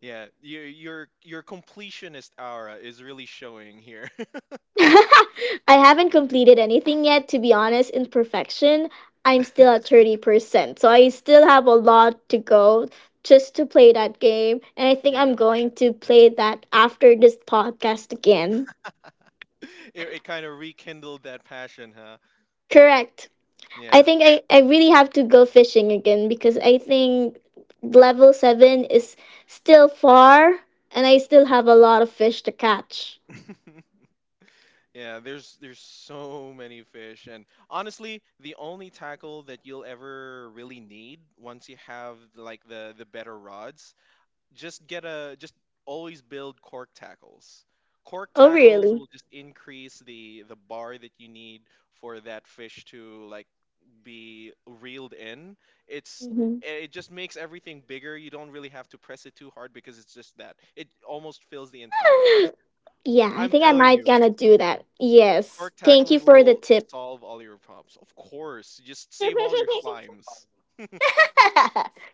[SPEAKER 1] Yeah. Your your your completionist aura is really showing here.
[SPEAKER 2] [laughs] I haven't completed anything yet, to be honest. In perfection, I'm still at thirty percent. So I still have a lot to go just to play that game. And I
[SPEAKER 1] [laughs]
[SPEAKER 2] think I'm
[SPEAKER 1] Yeah.
[SPEAKER 2] going to play that after this podcast again.
[SPEAKER 1] [laughs] it, it kind of rekindled that passion, huh?
[SPEAKER 2] Correct. I
[SPEAKER 1] Yeah.
[SPEAKER 2] think I, I really have to go fishing again because I think level seven is still far and I still have a lot of fish to catch.
[SPEAKER 1] [laughs] Yeah, there's there's so many fish and honestly, the only tackle that you'll ever really need once you have like the the better rods, just get a just always build cork tackles. Cork
[SPEAKER 2] Oh,
[SPEAKER 1] tackles
[SPEAKER 2] really?
[SPEAKER 1] will just increase the the bar that you need for that fish to like be reeled in. It's
[SPEAKER 2] Hmm.
[SPEAKER 1] it just makes everything bigger. You don't really have to press it too hard because it's just that. It almost fills the entire bar.
[SPEAKER 2] [laughs] Yeah, I
[SPEAKER 1] I'm
[SPEAKER 2] think I
[SPEAKER 1] telling
[SPEAKER 2] might
[SPEAKER 1] you,
[SPEAKER 2] gonna do that. Yes.
[SPEAKER 1] cork
[SPEAKER 2] Thank you
[SPEAKER 1] tackle
[SPEAKER 2] for the
[SPEAKER 1] will
[SPEAKER 2] tip.
[SPEAKER 1] solve all your problems. Of course, just save all your slimes.
[SPEAKER 2] [laughs]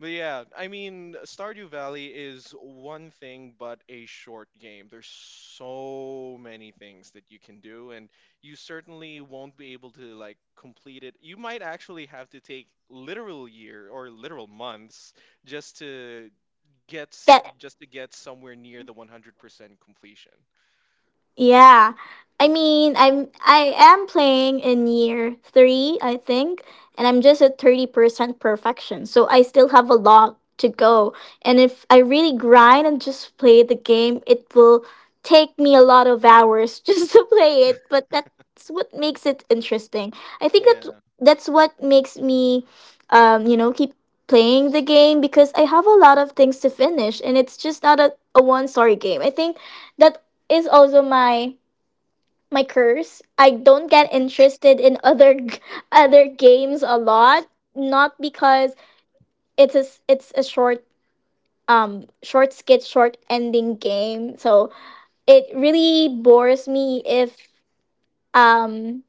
[SPEAKER 1] But yeah, I mean, Stardew Valley is one thing, but a short game. There's so many things that you can do, and you certainly won't be able to like complete it. You might actually have to take literal year or literal months just to get s-
[SPEAKER 2] that
[SPEAKER 1] just to get somewhere near the one hundred percent completion.
[SPEAKER 2] Yeah. I mean, I'm I am playing in year three, I think, and I'm just at thirty percent perfection. So I still have a lot to go. And if I really grind and just play the game, it will take me a lot of hours [laughs] just to play it, but that's what makes it interesting. I think that
[SPEAKER 1] Yeah.
[SPEAKER 2] that's what makes me um, you know, keep playing the game because I have a lot of things to finish and it's just not a, a one sorry game. I think that is also my my curse. I don't get interested in other g- [laughs] other games a lot, not because it's a s- it's a short um short skit short ending game. So it really bores me if um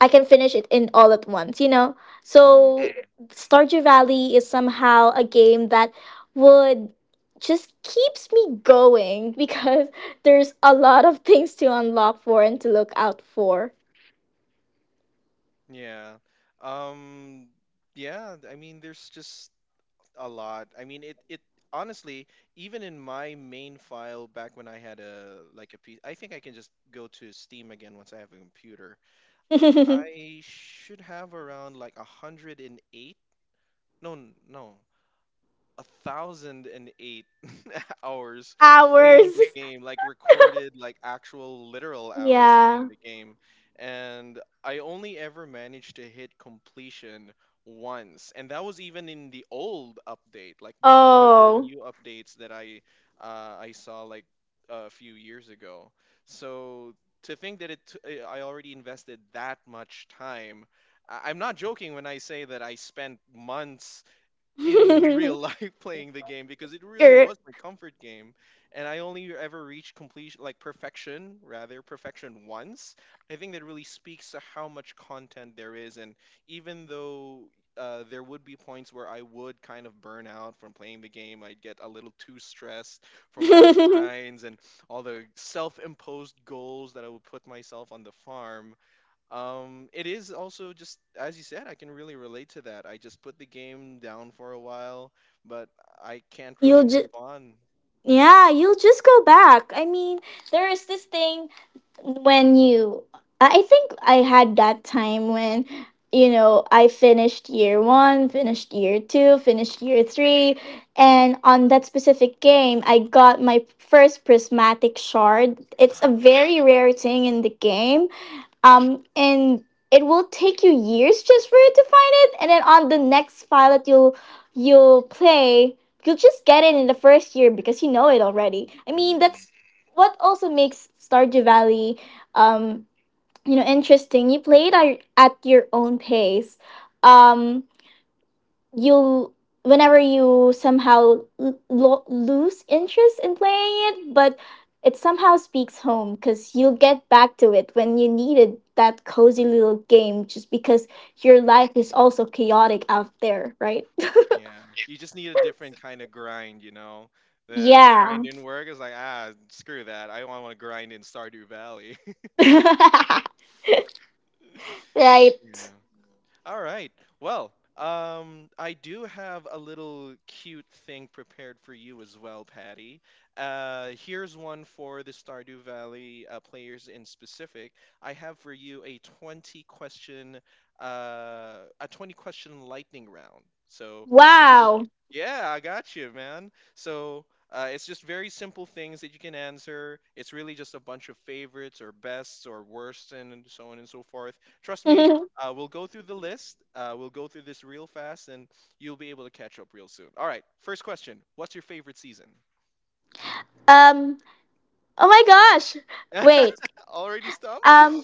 [SPEAKER 2] I can finish it in all at once, you know?
[SPEAKER 1] Mm,
[SPEAKER 2] So Stardew Valley is somehow a game that would just keeps me going [laughs] because there's a lot of things to unlock for and to look out for.
[SPEAKER 1] yeah. Um, yeah, I mean, there's just a lot. I mean, it it honestly, even in my main file back when I had a like a P, I think I can just go to Steam again once I have a computer.
[SPEAKER 2] [laughs]
[SPEAKER 1] I should have around like a hundred and eight. No, n- no, a thousand and eight [laughs] hours playing
[SPEAKER 2] Hours.
[SPEAKER 1] the game, like recorded, like actual literal hours
[SPEAKER 2] Yeah.
[SPEAKER 1] playing the game. And I only ever managed to hit completion once. And that was even in the old update, like before the
[SPEAKER 2] Oh.
[SPEAKER 1] new updates that I uh, I saw like a few years ago. So to think that it t- I I already invested that much time. I- I'm not joking when I say that I spent months in real
[SPEAKER 2] [laughs]
[SPEAKER 1] life [laughs] playing the game because it really
[SPEAKER 2] Er.
[SPEAKER 1] was my comfort game, and I only ever reached completion like perfection, rather, perfection once. I think that really speaks to how much content there is, and even though uh, there would be points where I would kind of burn out from playing the game, I'd get a little too stressed from all the
[SPEAKER 2] [laughs]
[SPEAKER 1] grinds and all the self-imposed goals that I would put myself on the farm, um, it is also just as you said, I can really relate to that. I just put the game down for a while, but I can't
[SPEAKER 2] you'll
[SPEAKER 1] really
[SPEAKER 2] just
[SPEAKER 1] move on.
[SPEAKER 2] Yeah, you'll just go back. I mean, there is this thing when you I think I had that time when, you know, I finished year one, finished year two, finished year
[SPEAKER 1] Mhm.
[SPEAKER 2] three, and on that specific game I got my first prismatic shard. It's a
[SPEAKER 1] [sighs]
[SPEAKER 2] very rare thing in the game. Um, and it will take you years just for you to find it, and then on the next file that you'll you'll play, you'll just get it in the first year because you know it already. I mean,
[SPEAKER 1] Mm,
[SPEAKER 2] that's what also makes Stardew Valley, um, you know, interesting. You play it at at your own pace. um, you whenever you somehow l- lo- lose interest in playing it, but it somehow speaks home because you'll get back to it when you needed that cozy little game just because your life is also chaotic out there, right?
[SPEAKER 1] yeah, you just need a different kind of grind, you know.
[SPEAKER 2] [laughs]
[SPEAKER 1] The the grind
[SPEAKER 2] Yeah.
[SPEAKER 1] in work is like, ah, screw that. I don't want to grind in Stardew Valley. [laughs]
[SPEAKER 2] [laughs]
[SPEAKER 1] Yeah.
[SPEAKER 2] Right.
[SPEAKER 1] All right. Well, um, I do have a little cute thing prepared for you as well, Patty. Uh, here's one for the Stardew Valley uh, players in specific. I have for you a twenty question, uh, a twenty question lightning round. So these are just
[SPEAKER 2] Wow. [laughs]
[SPEAKER 1] yeah, I got you, man. So uh, it's just very simple things that you can answer. It's really just a bunch of favorites or bests or worst and so on and so forth. Trust me,
[SPEAKER 2] um
[SPEAKER 1] uh, we'll go through the list. Uh, we'll go through this real fast, and you'll be able to catch up real soon. All right. First question, what's your favorite season?
[SPEAKER 2] oh my gosh, wait.
[SPEAKER 1] [laughs] Already stumped?
[SPEAKER 2] um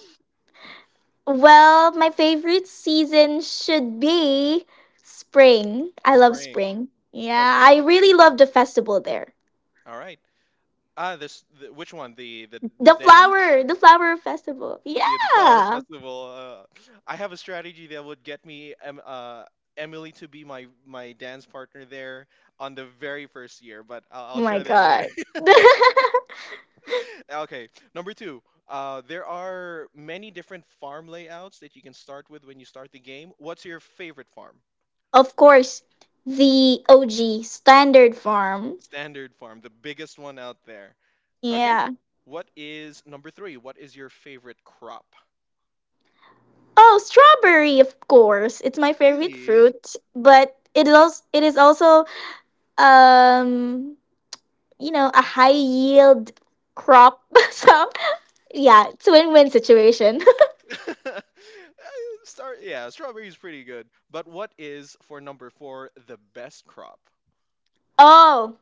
[SPEAKER 2] Well, my favorite season should be spring. I love
[SPEAKER 1] Spring.
[SPEAKER 2] spring. Yeah,
[SPEAKER 1] Okay.
[SPEAKER 2] I really love the festival there.
[SPEAKER 1] All right. Ah, this the, which one? The the the
[SPEAKER 2] The
[SPEAKER 1] dance?
[SPEAKER 2] flower, the flower festival. Yeah.
[SPEAKER 1] Yeah, the flower
[SPEAKER 2] Oh
[SPEAKER 1] festival. Uh, I have a strategy that would get me em, uh, Emily to be my my dance partner there on the very first year, but I'll, I'll
[SPEAKER 2] my
[SPEAKER 1] share that later.
[SPEAKER 2] god. [laughs]
[SPEAKER 1] Okay, number two. Uh, there are many different farm layouts that you can start with when you start the game. What's your favorite farm?
[SPEAKER 2] Of course, the O G standard farm.
[SPEAKER 1] Standard farm, the biggest one out there. Okay.
[SPEAKER 2] Yeah.
[SPEAKER 1] What is number three? What is your favorite crop?
[SPEAKER 2] Oh, strawberry, of course. It's my favorite
[SPEAKER 1] Really?
[SPEAKER 2] fruit, but it is also, it is also um, you know, a high yield crop. [laughs] So yeah, it's a win-win situation.
[SPEAKER 1] [laughs] Uh, Start, yeah, strawberry is pretty good. But what is for number four the best crop?
[SPEAKER 2] [laughs] Oh,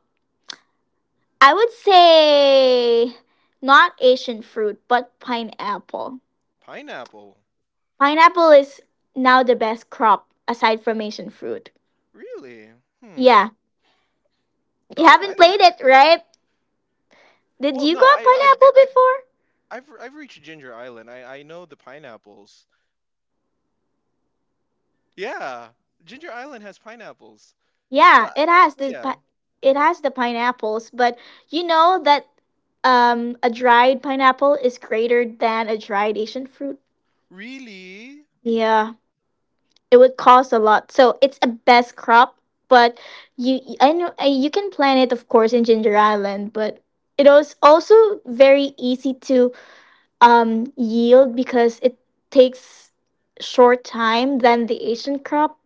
[SPEAKER 2] I would say not Asian fruit, but pineapple.
[SPEAKER 1] Pineapple.
[SPEAKER 2] Pineapple is now the best crop aside from Asian fruit.
[SPEAKER 1] Really? Hmm.
[SPEAKER 2] Yeah, you
[SPEAKER 1] All
[SPEAKER 2] haven't
[SPEAKER 1] right.
[SPEAKER 2] played it, right? Did
[SPEAKER 1] Well,
[SPEAKER 2] you
[SPEAKER 1] no,
[SPEAKER 2] go on
[SPEAKER 1] I, I've
[SPEAKER 2] pineapple before?
[SPEAKER 1] I've I've reached Ginger Island. I I know the pineapples. Yeah, Ginger Island has pineapples.
[SPEAKER 2] Yeah,
[SPEAKER 1] But,
[SPEAKER 2] it has
[SPEAKER 1] but
[SPEAKER 2] the
[SPEAKER 1] yeah,
[SPEAKER 2] pi- it has the pineapples, but you know that um a dried pineapple is greater than a dried Asian fruit.
[SPEAKER 1] really,
[SPEAKER 2] Yeah, it would cost a lot. So it's a best crop, but you, I know, uh, you can plant it, of course, in Ginger Island, but it is also very easy to um, yield because it takes short time than the Asian
[SPEAKER 1] Pine-
[SPEAKER 2] crop.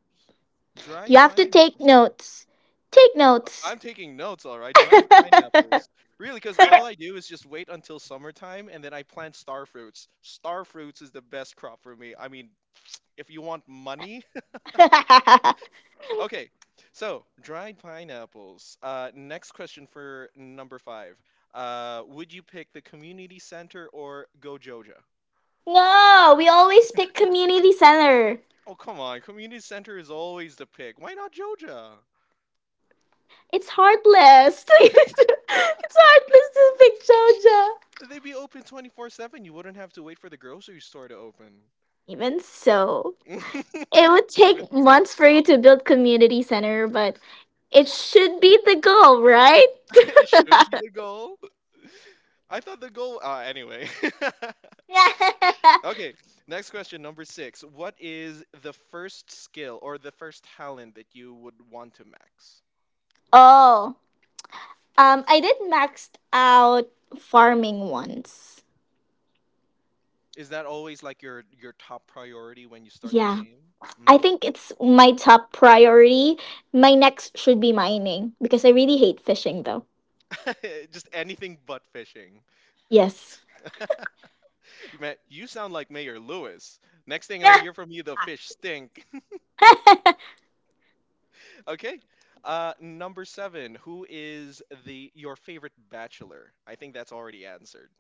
[SPEAKER 2] You
[SPEAKER 1] dried
[SPEAKER 2] have to take
[SPEAKER 1] pineapples. Huh?
[SPEAKER 2] notes. Take
[SPEAKER 1] Uh,
[SPEAKER 2] notes.
[SPEAKER 1] I'm taking notes. All right,
[SPEAKER 2] [laughs]
[SPEAKER 1] dried pineapples. Really, because all I do is just wait until summertime, and then I plant star fruits. Star fruits is the best crop for me. I mean, [tsk] if you want money, [laughs] okay. So dried pineapples. Uh, next question for number five. Uh, would you pick the community center or Gojoja?
[SPEAKER 2] No, we always pick community center.
[SPEAKER 1] Oh, come on. Community center is always the pick. Why not JoJo?
[SPEAKER 2] It's heartless. [laughs] It's heartless to pick Georgia.
[SPEAKER 1] They'd be open twenty-four seven. You wouldn't have to wait for the grocery store to open.
[SPEAKER 2] Even so. It would
[SPEAKER 1] [laughs] Even
[SPEAKER 2] take
[SPEAKER 1] so,
[SPEAKER 2] months for you to build community center, but it should be the goal, right?
[SPEAKER 1] [laughs] it should be
[SPEAKER 2] [laughs]
[SPEAKER 1] the goal. I thought the goal. Uh, anyway. [laughs] Okay, next question, number six. What is the first skill or the first talent that you would want to max?
[SPEAKER 2] Oh, um, I did maxed out farming once.
[SPEAKER 1] Is that always like your your top priority when you start the
[SPEAKER 2] Yeah,
[SPEAKER 1] game?
[SPEAKER 2] I
[SPEAKER 1] Mm.
[SPEAKER 2] think it's my top priority. My next should be mining because I really hate fishing, though.
[SPEAKER 1] [laughs] Just anything but fishing.
[SPEAKER 2] Yes.
[SPEAKER 1] You ma- you sound like Mayor Lewis. Next thing I'll hear
[SPEAKER 2] [laughs]
[SPEAKER 1] from you, the fish stink. [laughs] Okay. Uh, number seven. Who is the your favorite bachelor? I think that's already answered.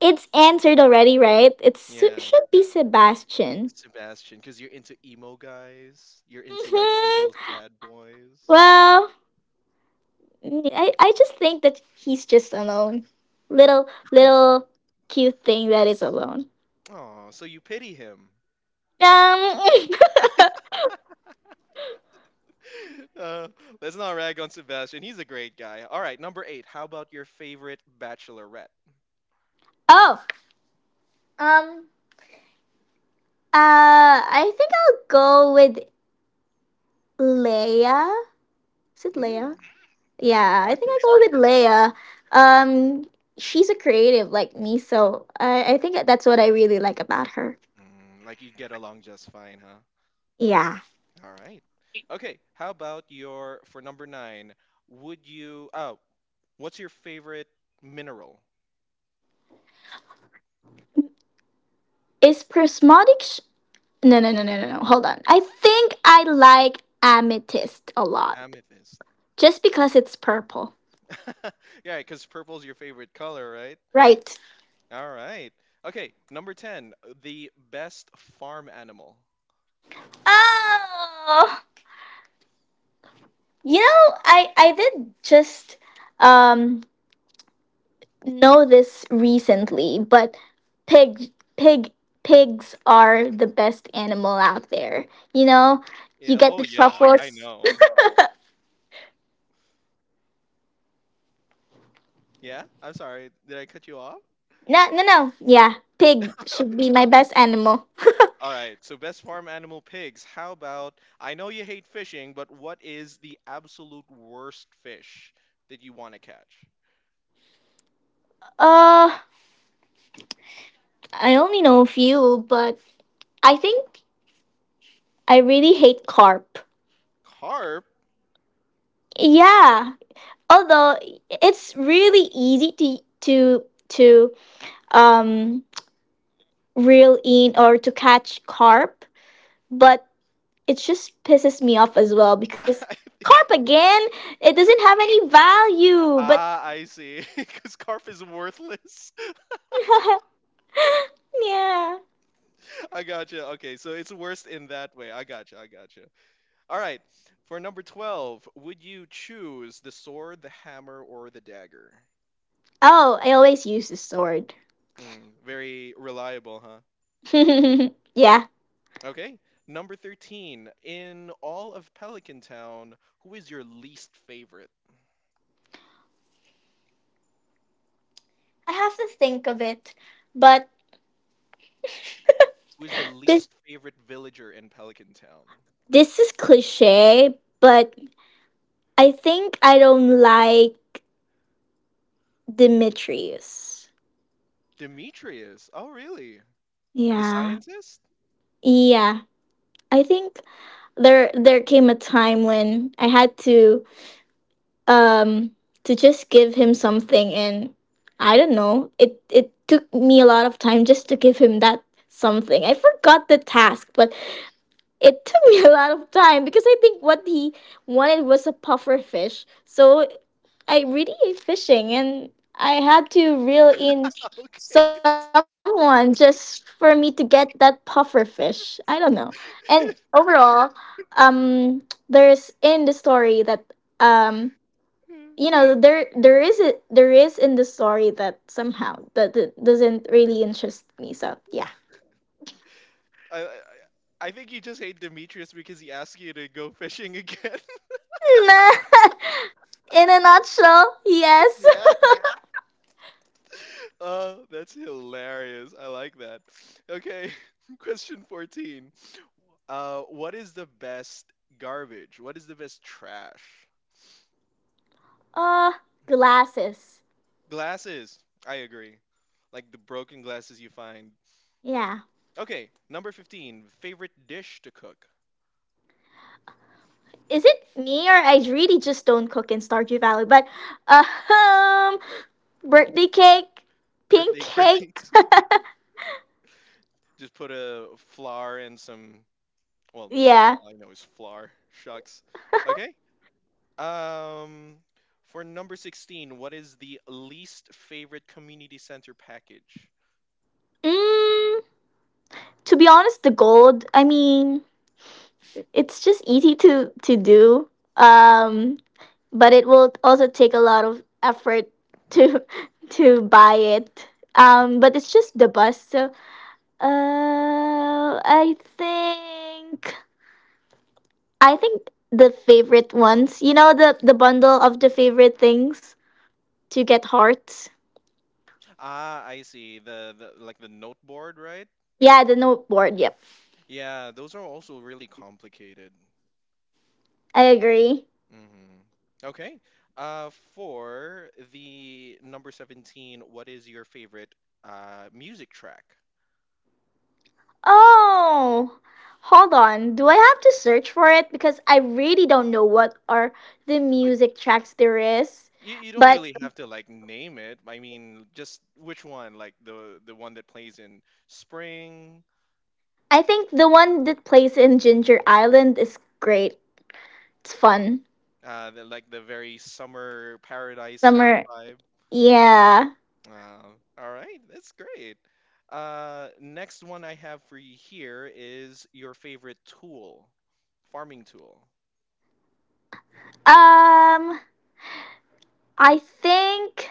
[SPEAKER 2] It's answered already, right? It su-
[SPEAKER 1] Yeah,
[SPEAKER 2] should be Sebastian.
[SPEAKER 1] Sebastian, because you're into emo guys. You're into like the real sad
[SPEAKER 2] Hmm.
[SPEAKER 1] boys.
[SPEAKER 2] Well, mm, I I just think that he's just alone. Little little cute thing that is alone.
[SPEAKER 1] Oh, so you pity him.
[SPEAKER 2] Um [laughs]
[SPEAKER 1] [laughs] uh, let's not rag on Sebastian. He's a great guy. All right, number eight. How about your favorite bachelorette?
[SPEAKER 2] Oh, um uh, I think I'll go with Leia. Is it Leia?
[SPEAKER 1] Mm, the
[SPEAKER 2] Yeah, I think I
[SPEAKER 1] artist.
[SPEAKER 2] go with Leia. Um she's a creative like me, so I I think that's what I really like about her.
[SPEAKER 1] Mm, like you get along just fine, huh?
[SPEAKER 2] Yeah.
[SPEAKER 1] All right. Okay. How about your for number nine? Would you? Oh, what's your favorite mineral?
[SPEAKER 2] Is prismatic sh- No, no, no, no, no, no. Hold on. I think I like amethyst a lot.
[SPEAKER 1] Amethyst.
[SPEAKER 2] Just because it's purple.
[SPEAKER 1] [laughs] Yeah, because purple's your favorite color, right?
[SPEAKER 2] Right.
[SPEAKER 1] All right. Okay. Number ten. The best farm animal.
[SPEAKER 2] Oh, you know, I I did just um know this recently, but pig pig pigs are the best animal out there. You know, you
[SPEAKER 1] Yeah.
[SPEAKER 2] get
[SPEAKER 1] Oh
[SPEAKER 2] the
[SPEAKER 1] yeah. I
[SPEAKER 2] truffles.
[SPEAKER 1] know. Yeah. I'm sorry. Did I cut you off? [laughs]
[SPEAKER 2] No, no, no. Yeah, pig should be my best animal.
[SPEAKER 1] All right. So best farm animal pigs. How about? I know you hate fishing, but what is the absolute worst fish that you want to catch?
[SPEAKER 2] Uh, I only know a few, but I think I really hate carp.
[SPEAKER 1] Carp.
[SPEAKER 2] Yeah, although it's really easy to to to um reel in or to catch carp, but it just pisses me off as well because
[SPEAKER 1] [laughs]
[SPEAKER 2] carp again, it doesn't have any value, but
[SPEAKER 1] Ah, I see. [laughs] Because carp is worthless.
[SPEAKER 2] [laughs] yeah.
[SPEAKER 1] [laughs] I gotcha. Okay, so it's worse in that way. I gotcha. I gotcha. All right. For number twelve, would you choose the sword, the hammer, or the dagger?
[SPEAKER 2] Oh, I always use the sword.
[SPEAKER 1] Hmm, very reliable, huh?
[SPEAKER 2] [laughs] Yeah.
[SPEAKER 1] Okay. Number thirteen, in all of Pelican Town, who is your least favorite?
[SPEAKER 2] I have to think of it, but
[SPEAKER 1] Who is the
[SPEAKER 2] this
[SPEAKER 1] least favorite villager in Pelican Town?
[SPEAKER 2] this is cliche, but I think I don't like Demetrius.
[SPEAKER 1] Demetrius. Oh, really? The
[SPEAKER 2] Yeah.
[SPEAKER 1] scientist?
[SPEAKER 2] Yeah, I think there there came a time when I had to um to just give him something and I don't know. It it took me a lot of time just to give him that something. I forgot the task, but it took me [laughs] a lot of time because I think what he wanted was a puffer fish. So I really hate fishing, and I had to reel in
[SPEAKER 1] [laughs] Okay.
[SPEAKER 2] someone just for me to get that puffer fish. I don't know. And overall, um, there's in the story that, um, you know, there there is a, there is in the story that somehow that, that doesn't really interest me. So yeah.
[SPEAKER 1] [laughs] I, I I think you just hate Demetrius because he asked you to go fishing again.
[SPEAKER 2] [laughs] In a nutshell,
[SPEAKER 1] [laughs]
[SPEAKER 2] yes.
[SPEAKER 1] Yeah. Oh, that's hilarious. I like that. Okay, [laughs] question fourteen. Uh, what is the best garbage? What is the best trash?
[SPEAKER 2] [laughs] Uh, glasses.
[SPEAKER 1] Glasses. I agree. Like the broken glasses you find.
[SPEAKER 2] Yeah.
[SPEAKER 1] Okay, number fifteen. Favorite dish to cook?
[SPEAKER 2] Is it me or I really just don't cook in Stardew Valley? But uh, um, birthday cake, pink
[SPEAKER 1] Birthday
[SPEAKER 2] cake,
[SPEAKER 1] cakes. [laughs] Just put a flour and some. Well,
[SPEAKER 2] [laughs] yeah.
[SPEAKER 1] all I know is flour. Shucks. Okay, Um, for number sixteen, what is the least favorite community center package?
[SPEAKER 2] Mm, to be honest, the gold. I mean, it's just easy to to do. Um, but it will also take a lot of effort to [laughs] to buy it. Um, but it's just the bus. So, uh, I think I think the favorite ones, you know, the the bundle of the favorite things to get hearts.
[SPEAKER 1] Ah, I see. The, the Like the note board, right?
[SPEAKER 2] Yeah, the noteboard. Yep,
[SPEAKER 1] Yeah, those are also really complicated.
[SPEAKER 2] I agree.
[SPEAKER 1] Mm-hmm. Okay. Uh, for the number seventeen, what is your favorite uh music track?
[SPEAKER 2] Oh, hold on. Do I have to search for it because I really don't know what are the
[SPEAKER 1] Uh,
[SPEAKER 2] music tracks there is.
[SPEAKER 1] You, you don't
[SPEAKER 2] But
[SPEAKER 1] really have to like name it. I mean, just which one? Like the the one that plays in spring,
[SPEAKER 2] I think the one that plays in Ginger Island is great. It's fun.
[SPEAKER 1] Uh, the, like the very summer paradise kind of
[SPEAKER 2] Summer.
[SPEAKER 1] vibe.
[SPEAKER 2] Yeah.
[SPEAKER 1] Uh, all right, that's great. Uh, next one I have for you here is your favorite tool, farming tool.
[SPEAKER 2] Um. I think.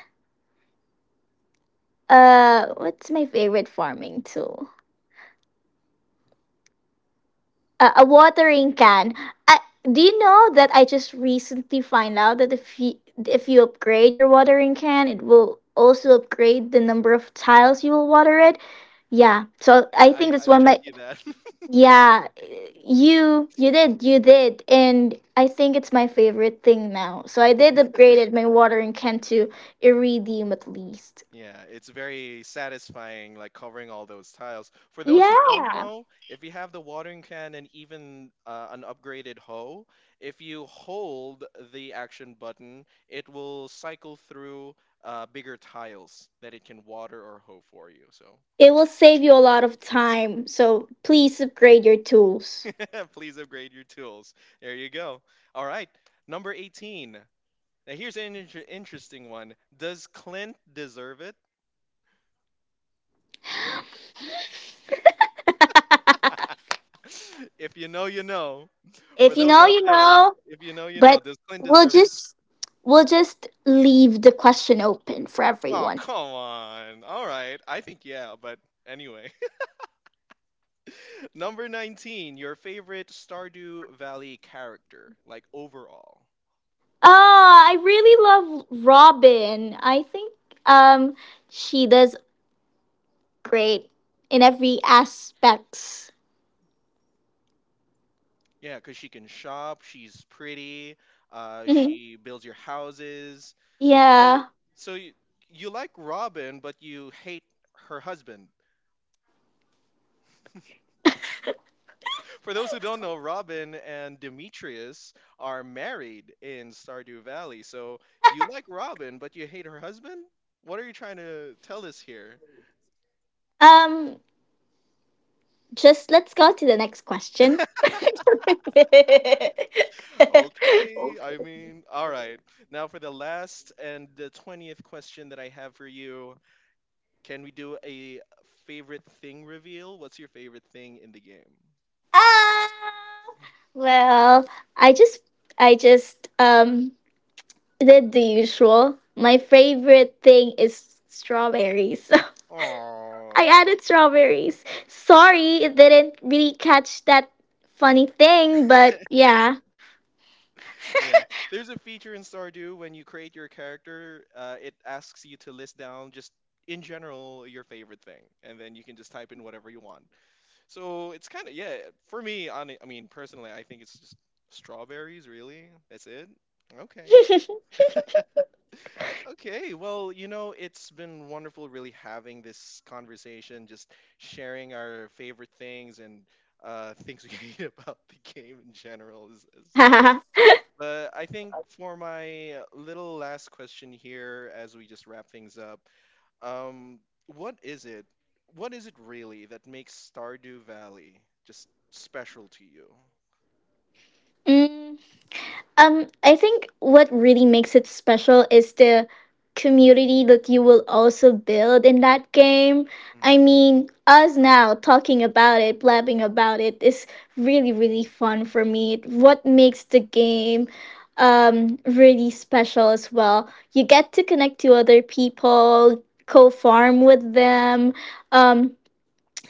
[SPEAKER 2] Uh. What's my favorite farming tool? A, a watering can. I, do you know that I just recently find out that if you, if you upgrade your watering can, it will also upgrade the number of tiles you will water it. Yeah, so I
[SPEAKER 1] I,
[SPEAKER 2] think
[SPEAKER 1] I
[SPEAKER 2] that's
[SPEAKER 1] I
[SPEAKER 2] one of
[SPEAKER 1] showed
[SPEAKER 2] my...
[SPEAKER 1] you that. [laughs]
[SPEAKER 2] Yeah, you you did, you did, and I think it's my favorite thing now. So I did upgraded my watering can to iridium at least.
[SPEAKER 1] Yeah, it's very satisfying, like covering all those tiles. For those who don't
[SPEAKER 2] Yeah.
[SPEAKER 1] know, if you have the watering can and even uh, an upgraded hoe, if you hold the action button, it will cycle through uh, bigger tiles that it can water or hoe for you. So
[SPEAKER 2] It will save you a lot of time. So please upgrade your tools.
[SPEAKER 1] [laughs] please upgrade your tools. There you go. All right, number eighteen. Now here's an inter- interesting one. Does Clint deserve it? [laughs] If you know, you know.
[SPEAKER 2] If you
[SPEAKER 1] For
[SPEAKER 2] know,
[SPEAKER 1] those
[SPEAKER 2] you
[SPEAKER 1] out there,
[SPEAKER 2] know.
[SPEAKER 1] if you know, you
[SPEAKER 2] But
[SPEAKER 1] know. Does Clint
[SPEAKER 2] we'll
[SPEAKER 1] deserve it?
[SPEAKER 2] just we'll just leave the question open for
[SPEAKER 1] Oh,
[SPEAKER 2] everyone.
[SPEAKER 1] come on. All right. I think, yeah, but anyway. [laughs] Number nineteen, your favorite Stardew Valley character, like overall.
[SPEAKER 2] Ah, I really love Robin. I think um she does great in every aspects. [laughs]
[SPEAKER 1] Yeah, because she can shop, she's pretty, uh,
[SPEAKER 2] Mhm.
[SPEAKER 1] she builds your houses. But
[SPEAKER 2] Yeah.
[SPEAKER 1] so you, you like Robin, but you hate her husband. For those who don't know, Robin and Demetrius are married in Stardew Valley. So you like Robin, but you hate her husband? What are you trying to tell us here?
[SPEAKER 2] Um just let's go to the next question. [laughs]
[SPEAKER 1] Okay, I mean, all right. Now for the last and the twentieth question that I have for you, can we do a favorite thing reveal? What's your favorite thing in the game?
[SPEAKER 2] Ah, well, I just I just um did the usual. My favorite thing is strawberries. [laughs] I
[SPEAKER 1] Aww.
[SPEAKER 2] added strawberries. Sorry, it didn't really catch that funny thing, but yeah.
[SPEAKER 1] Yeah, there's a feature in Stardew when you create your character, uh, it asks you to list down just in general your favorite thing, and then you can just type in whatever you want. So it's kind of yeah, for me, on I mean personally, I think it's just strawberries. Really, that's it. Okay. Okay, well, you know, it's been wonderful really having this conversation, just sharing our favorite things and uh, things we [laughs] hate about the game in general as, as well.
[SPEAKER 2] [laughs] [laughs]
[SPEAKER 1] But I think for my little last question here, as we just wrap things up, um, what is it? What is it really that makes Stardew Valley just special to you?
[SPEAKER 2] Mm, Um, I think what really makes it special is the community that you will also build in that game. I
[SPEAKER 1] Hmm.
[SPEAKER 2] mean, us now talking about it, blabbing about it is really, really fun for me. What makes the game um really special as well. You get to connect to other people, co-farm with them. Um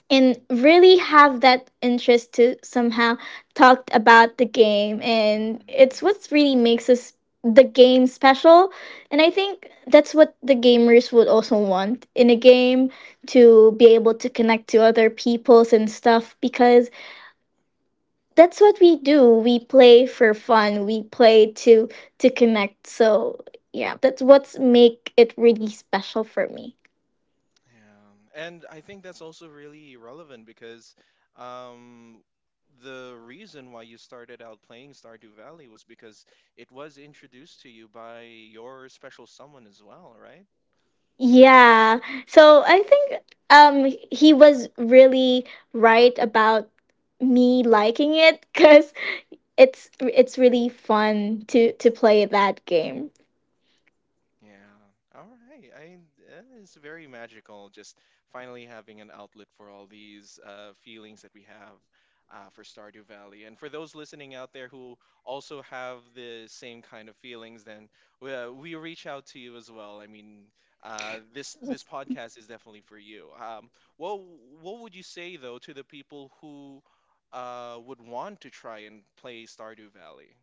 [SPEAKER 2] and really have that interest to somehow talk about the game, and it's
[SPEAKER 1] Hmm.
[SPEAKER 2] what really makes us the game special. And I think that's what the gamers would also want in a game, to be able to connect to other peoples and stuff, because that's what we do. We play for fun, we play to to connect. So yeah, that's what's make it really special for me.
[SPEAKER 1] Yeah, and I think that's also really relevant because um, the reason why you started out playing Stardew Valley was because it was introduced to you by your special someone as well, right?
[SPEAKER 2] Yeah. So I think um he was really right about me liking it, cuz it's it's really fun to to play that game.
[SPEAKER 1] Yeah. All right. I uh, It's very magical just finally having an outlet for all these uh, feelings that we have uh, for Stardew Valley. And for those listening out there who also have the same kind of feelings, then we, uh, we reach out to you as well. I mean, uh, this this podcast is definitely for you. Um, what what would you say though to the people who uh, would want to try and play Stardew Valley?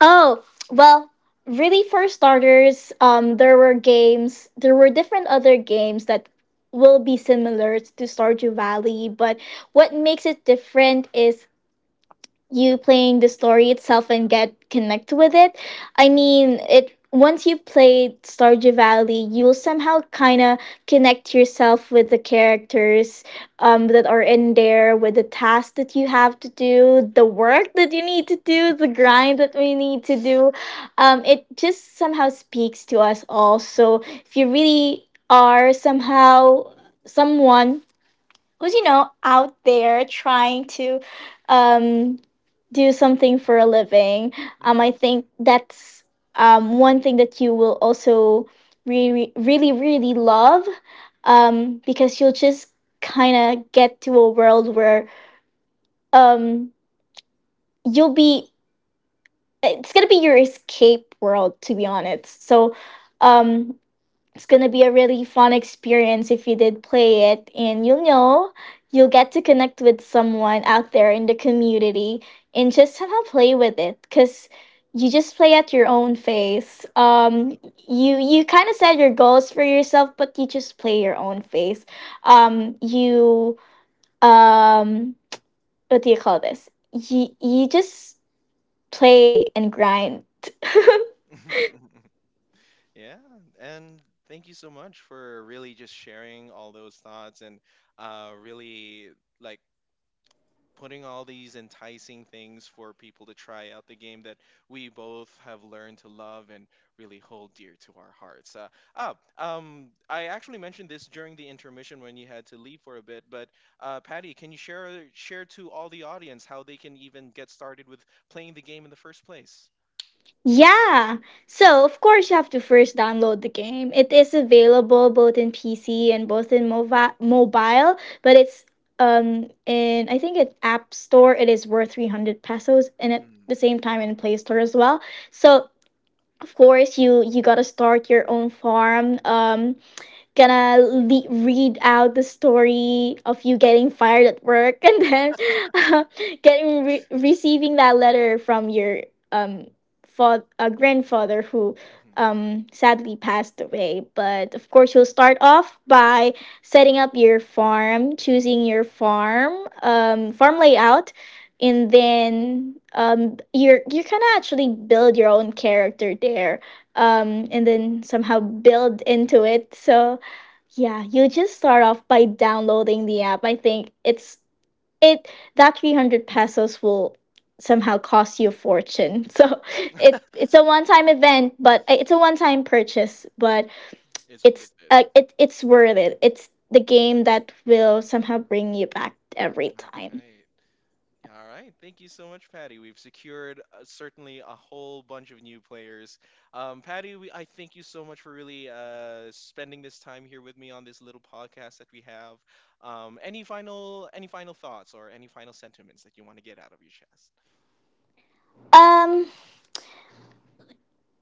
[SPEAKER 2] Oh, well, really for starters, um there were games, there were different other games that will be similar to Stardew Valley, but what makes it different is you playing the story itself and get connect with it. I mean, it once you played Stardew Valley, you'll somehow kind of connect yourself with the characters, um, that are in there, with the tasks that you have to do, the work that you need to do, the grind that we need to do. Um, it just somehow speaks to us all. So
[SPEAKER 1] Mm-hmm.
[SPEAKER 2] if you really are somehow someone who's, you know, out there trying to um do something for a living. Um, I
[SPEAKER 1] Mm-hmm.
[SPEAKER 2] think that's, um, one thing that you will also really, really, really love, um, because you'll just kind of get to a world where, um, you'll be, it's going to be your escape world, to be honest. So um, it's gonna be a really fun experience if you did play it, and you'll know you'll get to connect with someone out there in the community and just somehow play with it because you just play at your own pace. Um you you kind of set your goals for yourself, but you just play your own pace. Um you um what do you call this? You, you just play and grind.
[SPEAKER 1] Yeah. [laughs] Yeah, and thank you so much for really just sharing all those thoughts and uh, really like putting all these enticing things for people to try out the game that we both have learned to love and really hold dear to our hearts. Uh, oh, um, I actually mentioned this during the intermission when you had to leave for a bit, but uh, Patty, can you share share to all the audience how they can even get started with playing the game in the first place?
[SPEAKER 2] Yeah. So, of course, you have to first download the game. It is available both in P C and both in movi- mobile, but it's um in, I think in App Store it is worth three hundred pesos, and at
[SPEAKER 1] Mm-hmm.
[SPEAKER 2] the same time in Play Store as well. So, of course, you you got to start your own farm. Um gonna le- read out the story of you getting fired at work, and then [laughs] getting re- receiving that letter from your um fa- uh, grandfather who um sadly passed away. But of course, you'll start off by setting up your farm, choosing your farm, um farm layout, and then, um, you're you're gonna actually build your own character there, um, and then somehow build into it. So yeah, you just start off by downloading the app. I think it's it that three hundred pesos will somehow cost you a fortune. [laughs] So it it's a one-time event, but eh, it's a one-time purchase, but
[SPEAKER 1] It's
[SPEAKER 2] it's
[SPEAKER 1] worth it.
[SPEAKER 2] uh, it it's worth it. It's the game that will somehow bring you back every
[SPEAKER 1] All
[SPEAKER 2] time.
[SPEAKER 1] right. All right. Thank you so much, Patty. We've secured uh, certainly a whole bunch of new players. Um, Patty, we, I thank you so much for really uh, spending this time here with me on this little podcast that we have. Um, any final any final thoughts or any final sentiments that you want to get out of your chest?
[SPEAKER 2] Um,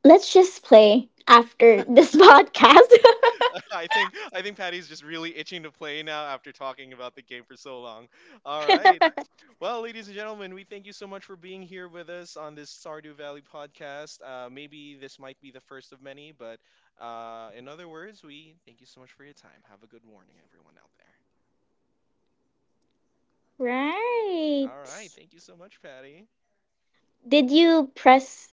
[SPEAKER 2] let's just play after this [laughs] podcast.
[SPEAKER 1] [laughs] I think I think Patty's just really itching to play now after talking about the game for so long. All right. Well, ladies and gentlemen, we thank you so much for being here with us on this Sardu Valley podcast. Uh, maybe this might be the first of many, but uh, in other words, we thank you so much for your time. Have a good morning, everyone out there.
[SPEAKER 2] [laughs]
[SPEAKER 1] All right.
[SPEAKER 2] Right.
[SPEAKER 1] Thank you so much, Patty.
[SPEAKER 2] Did you press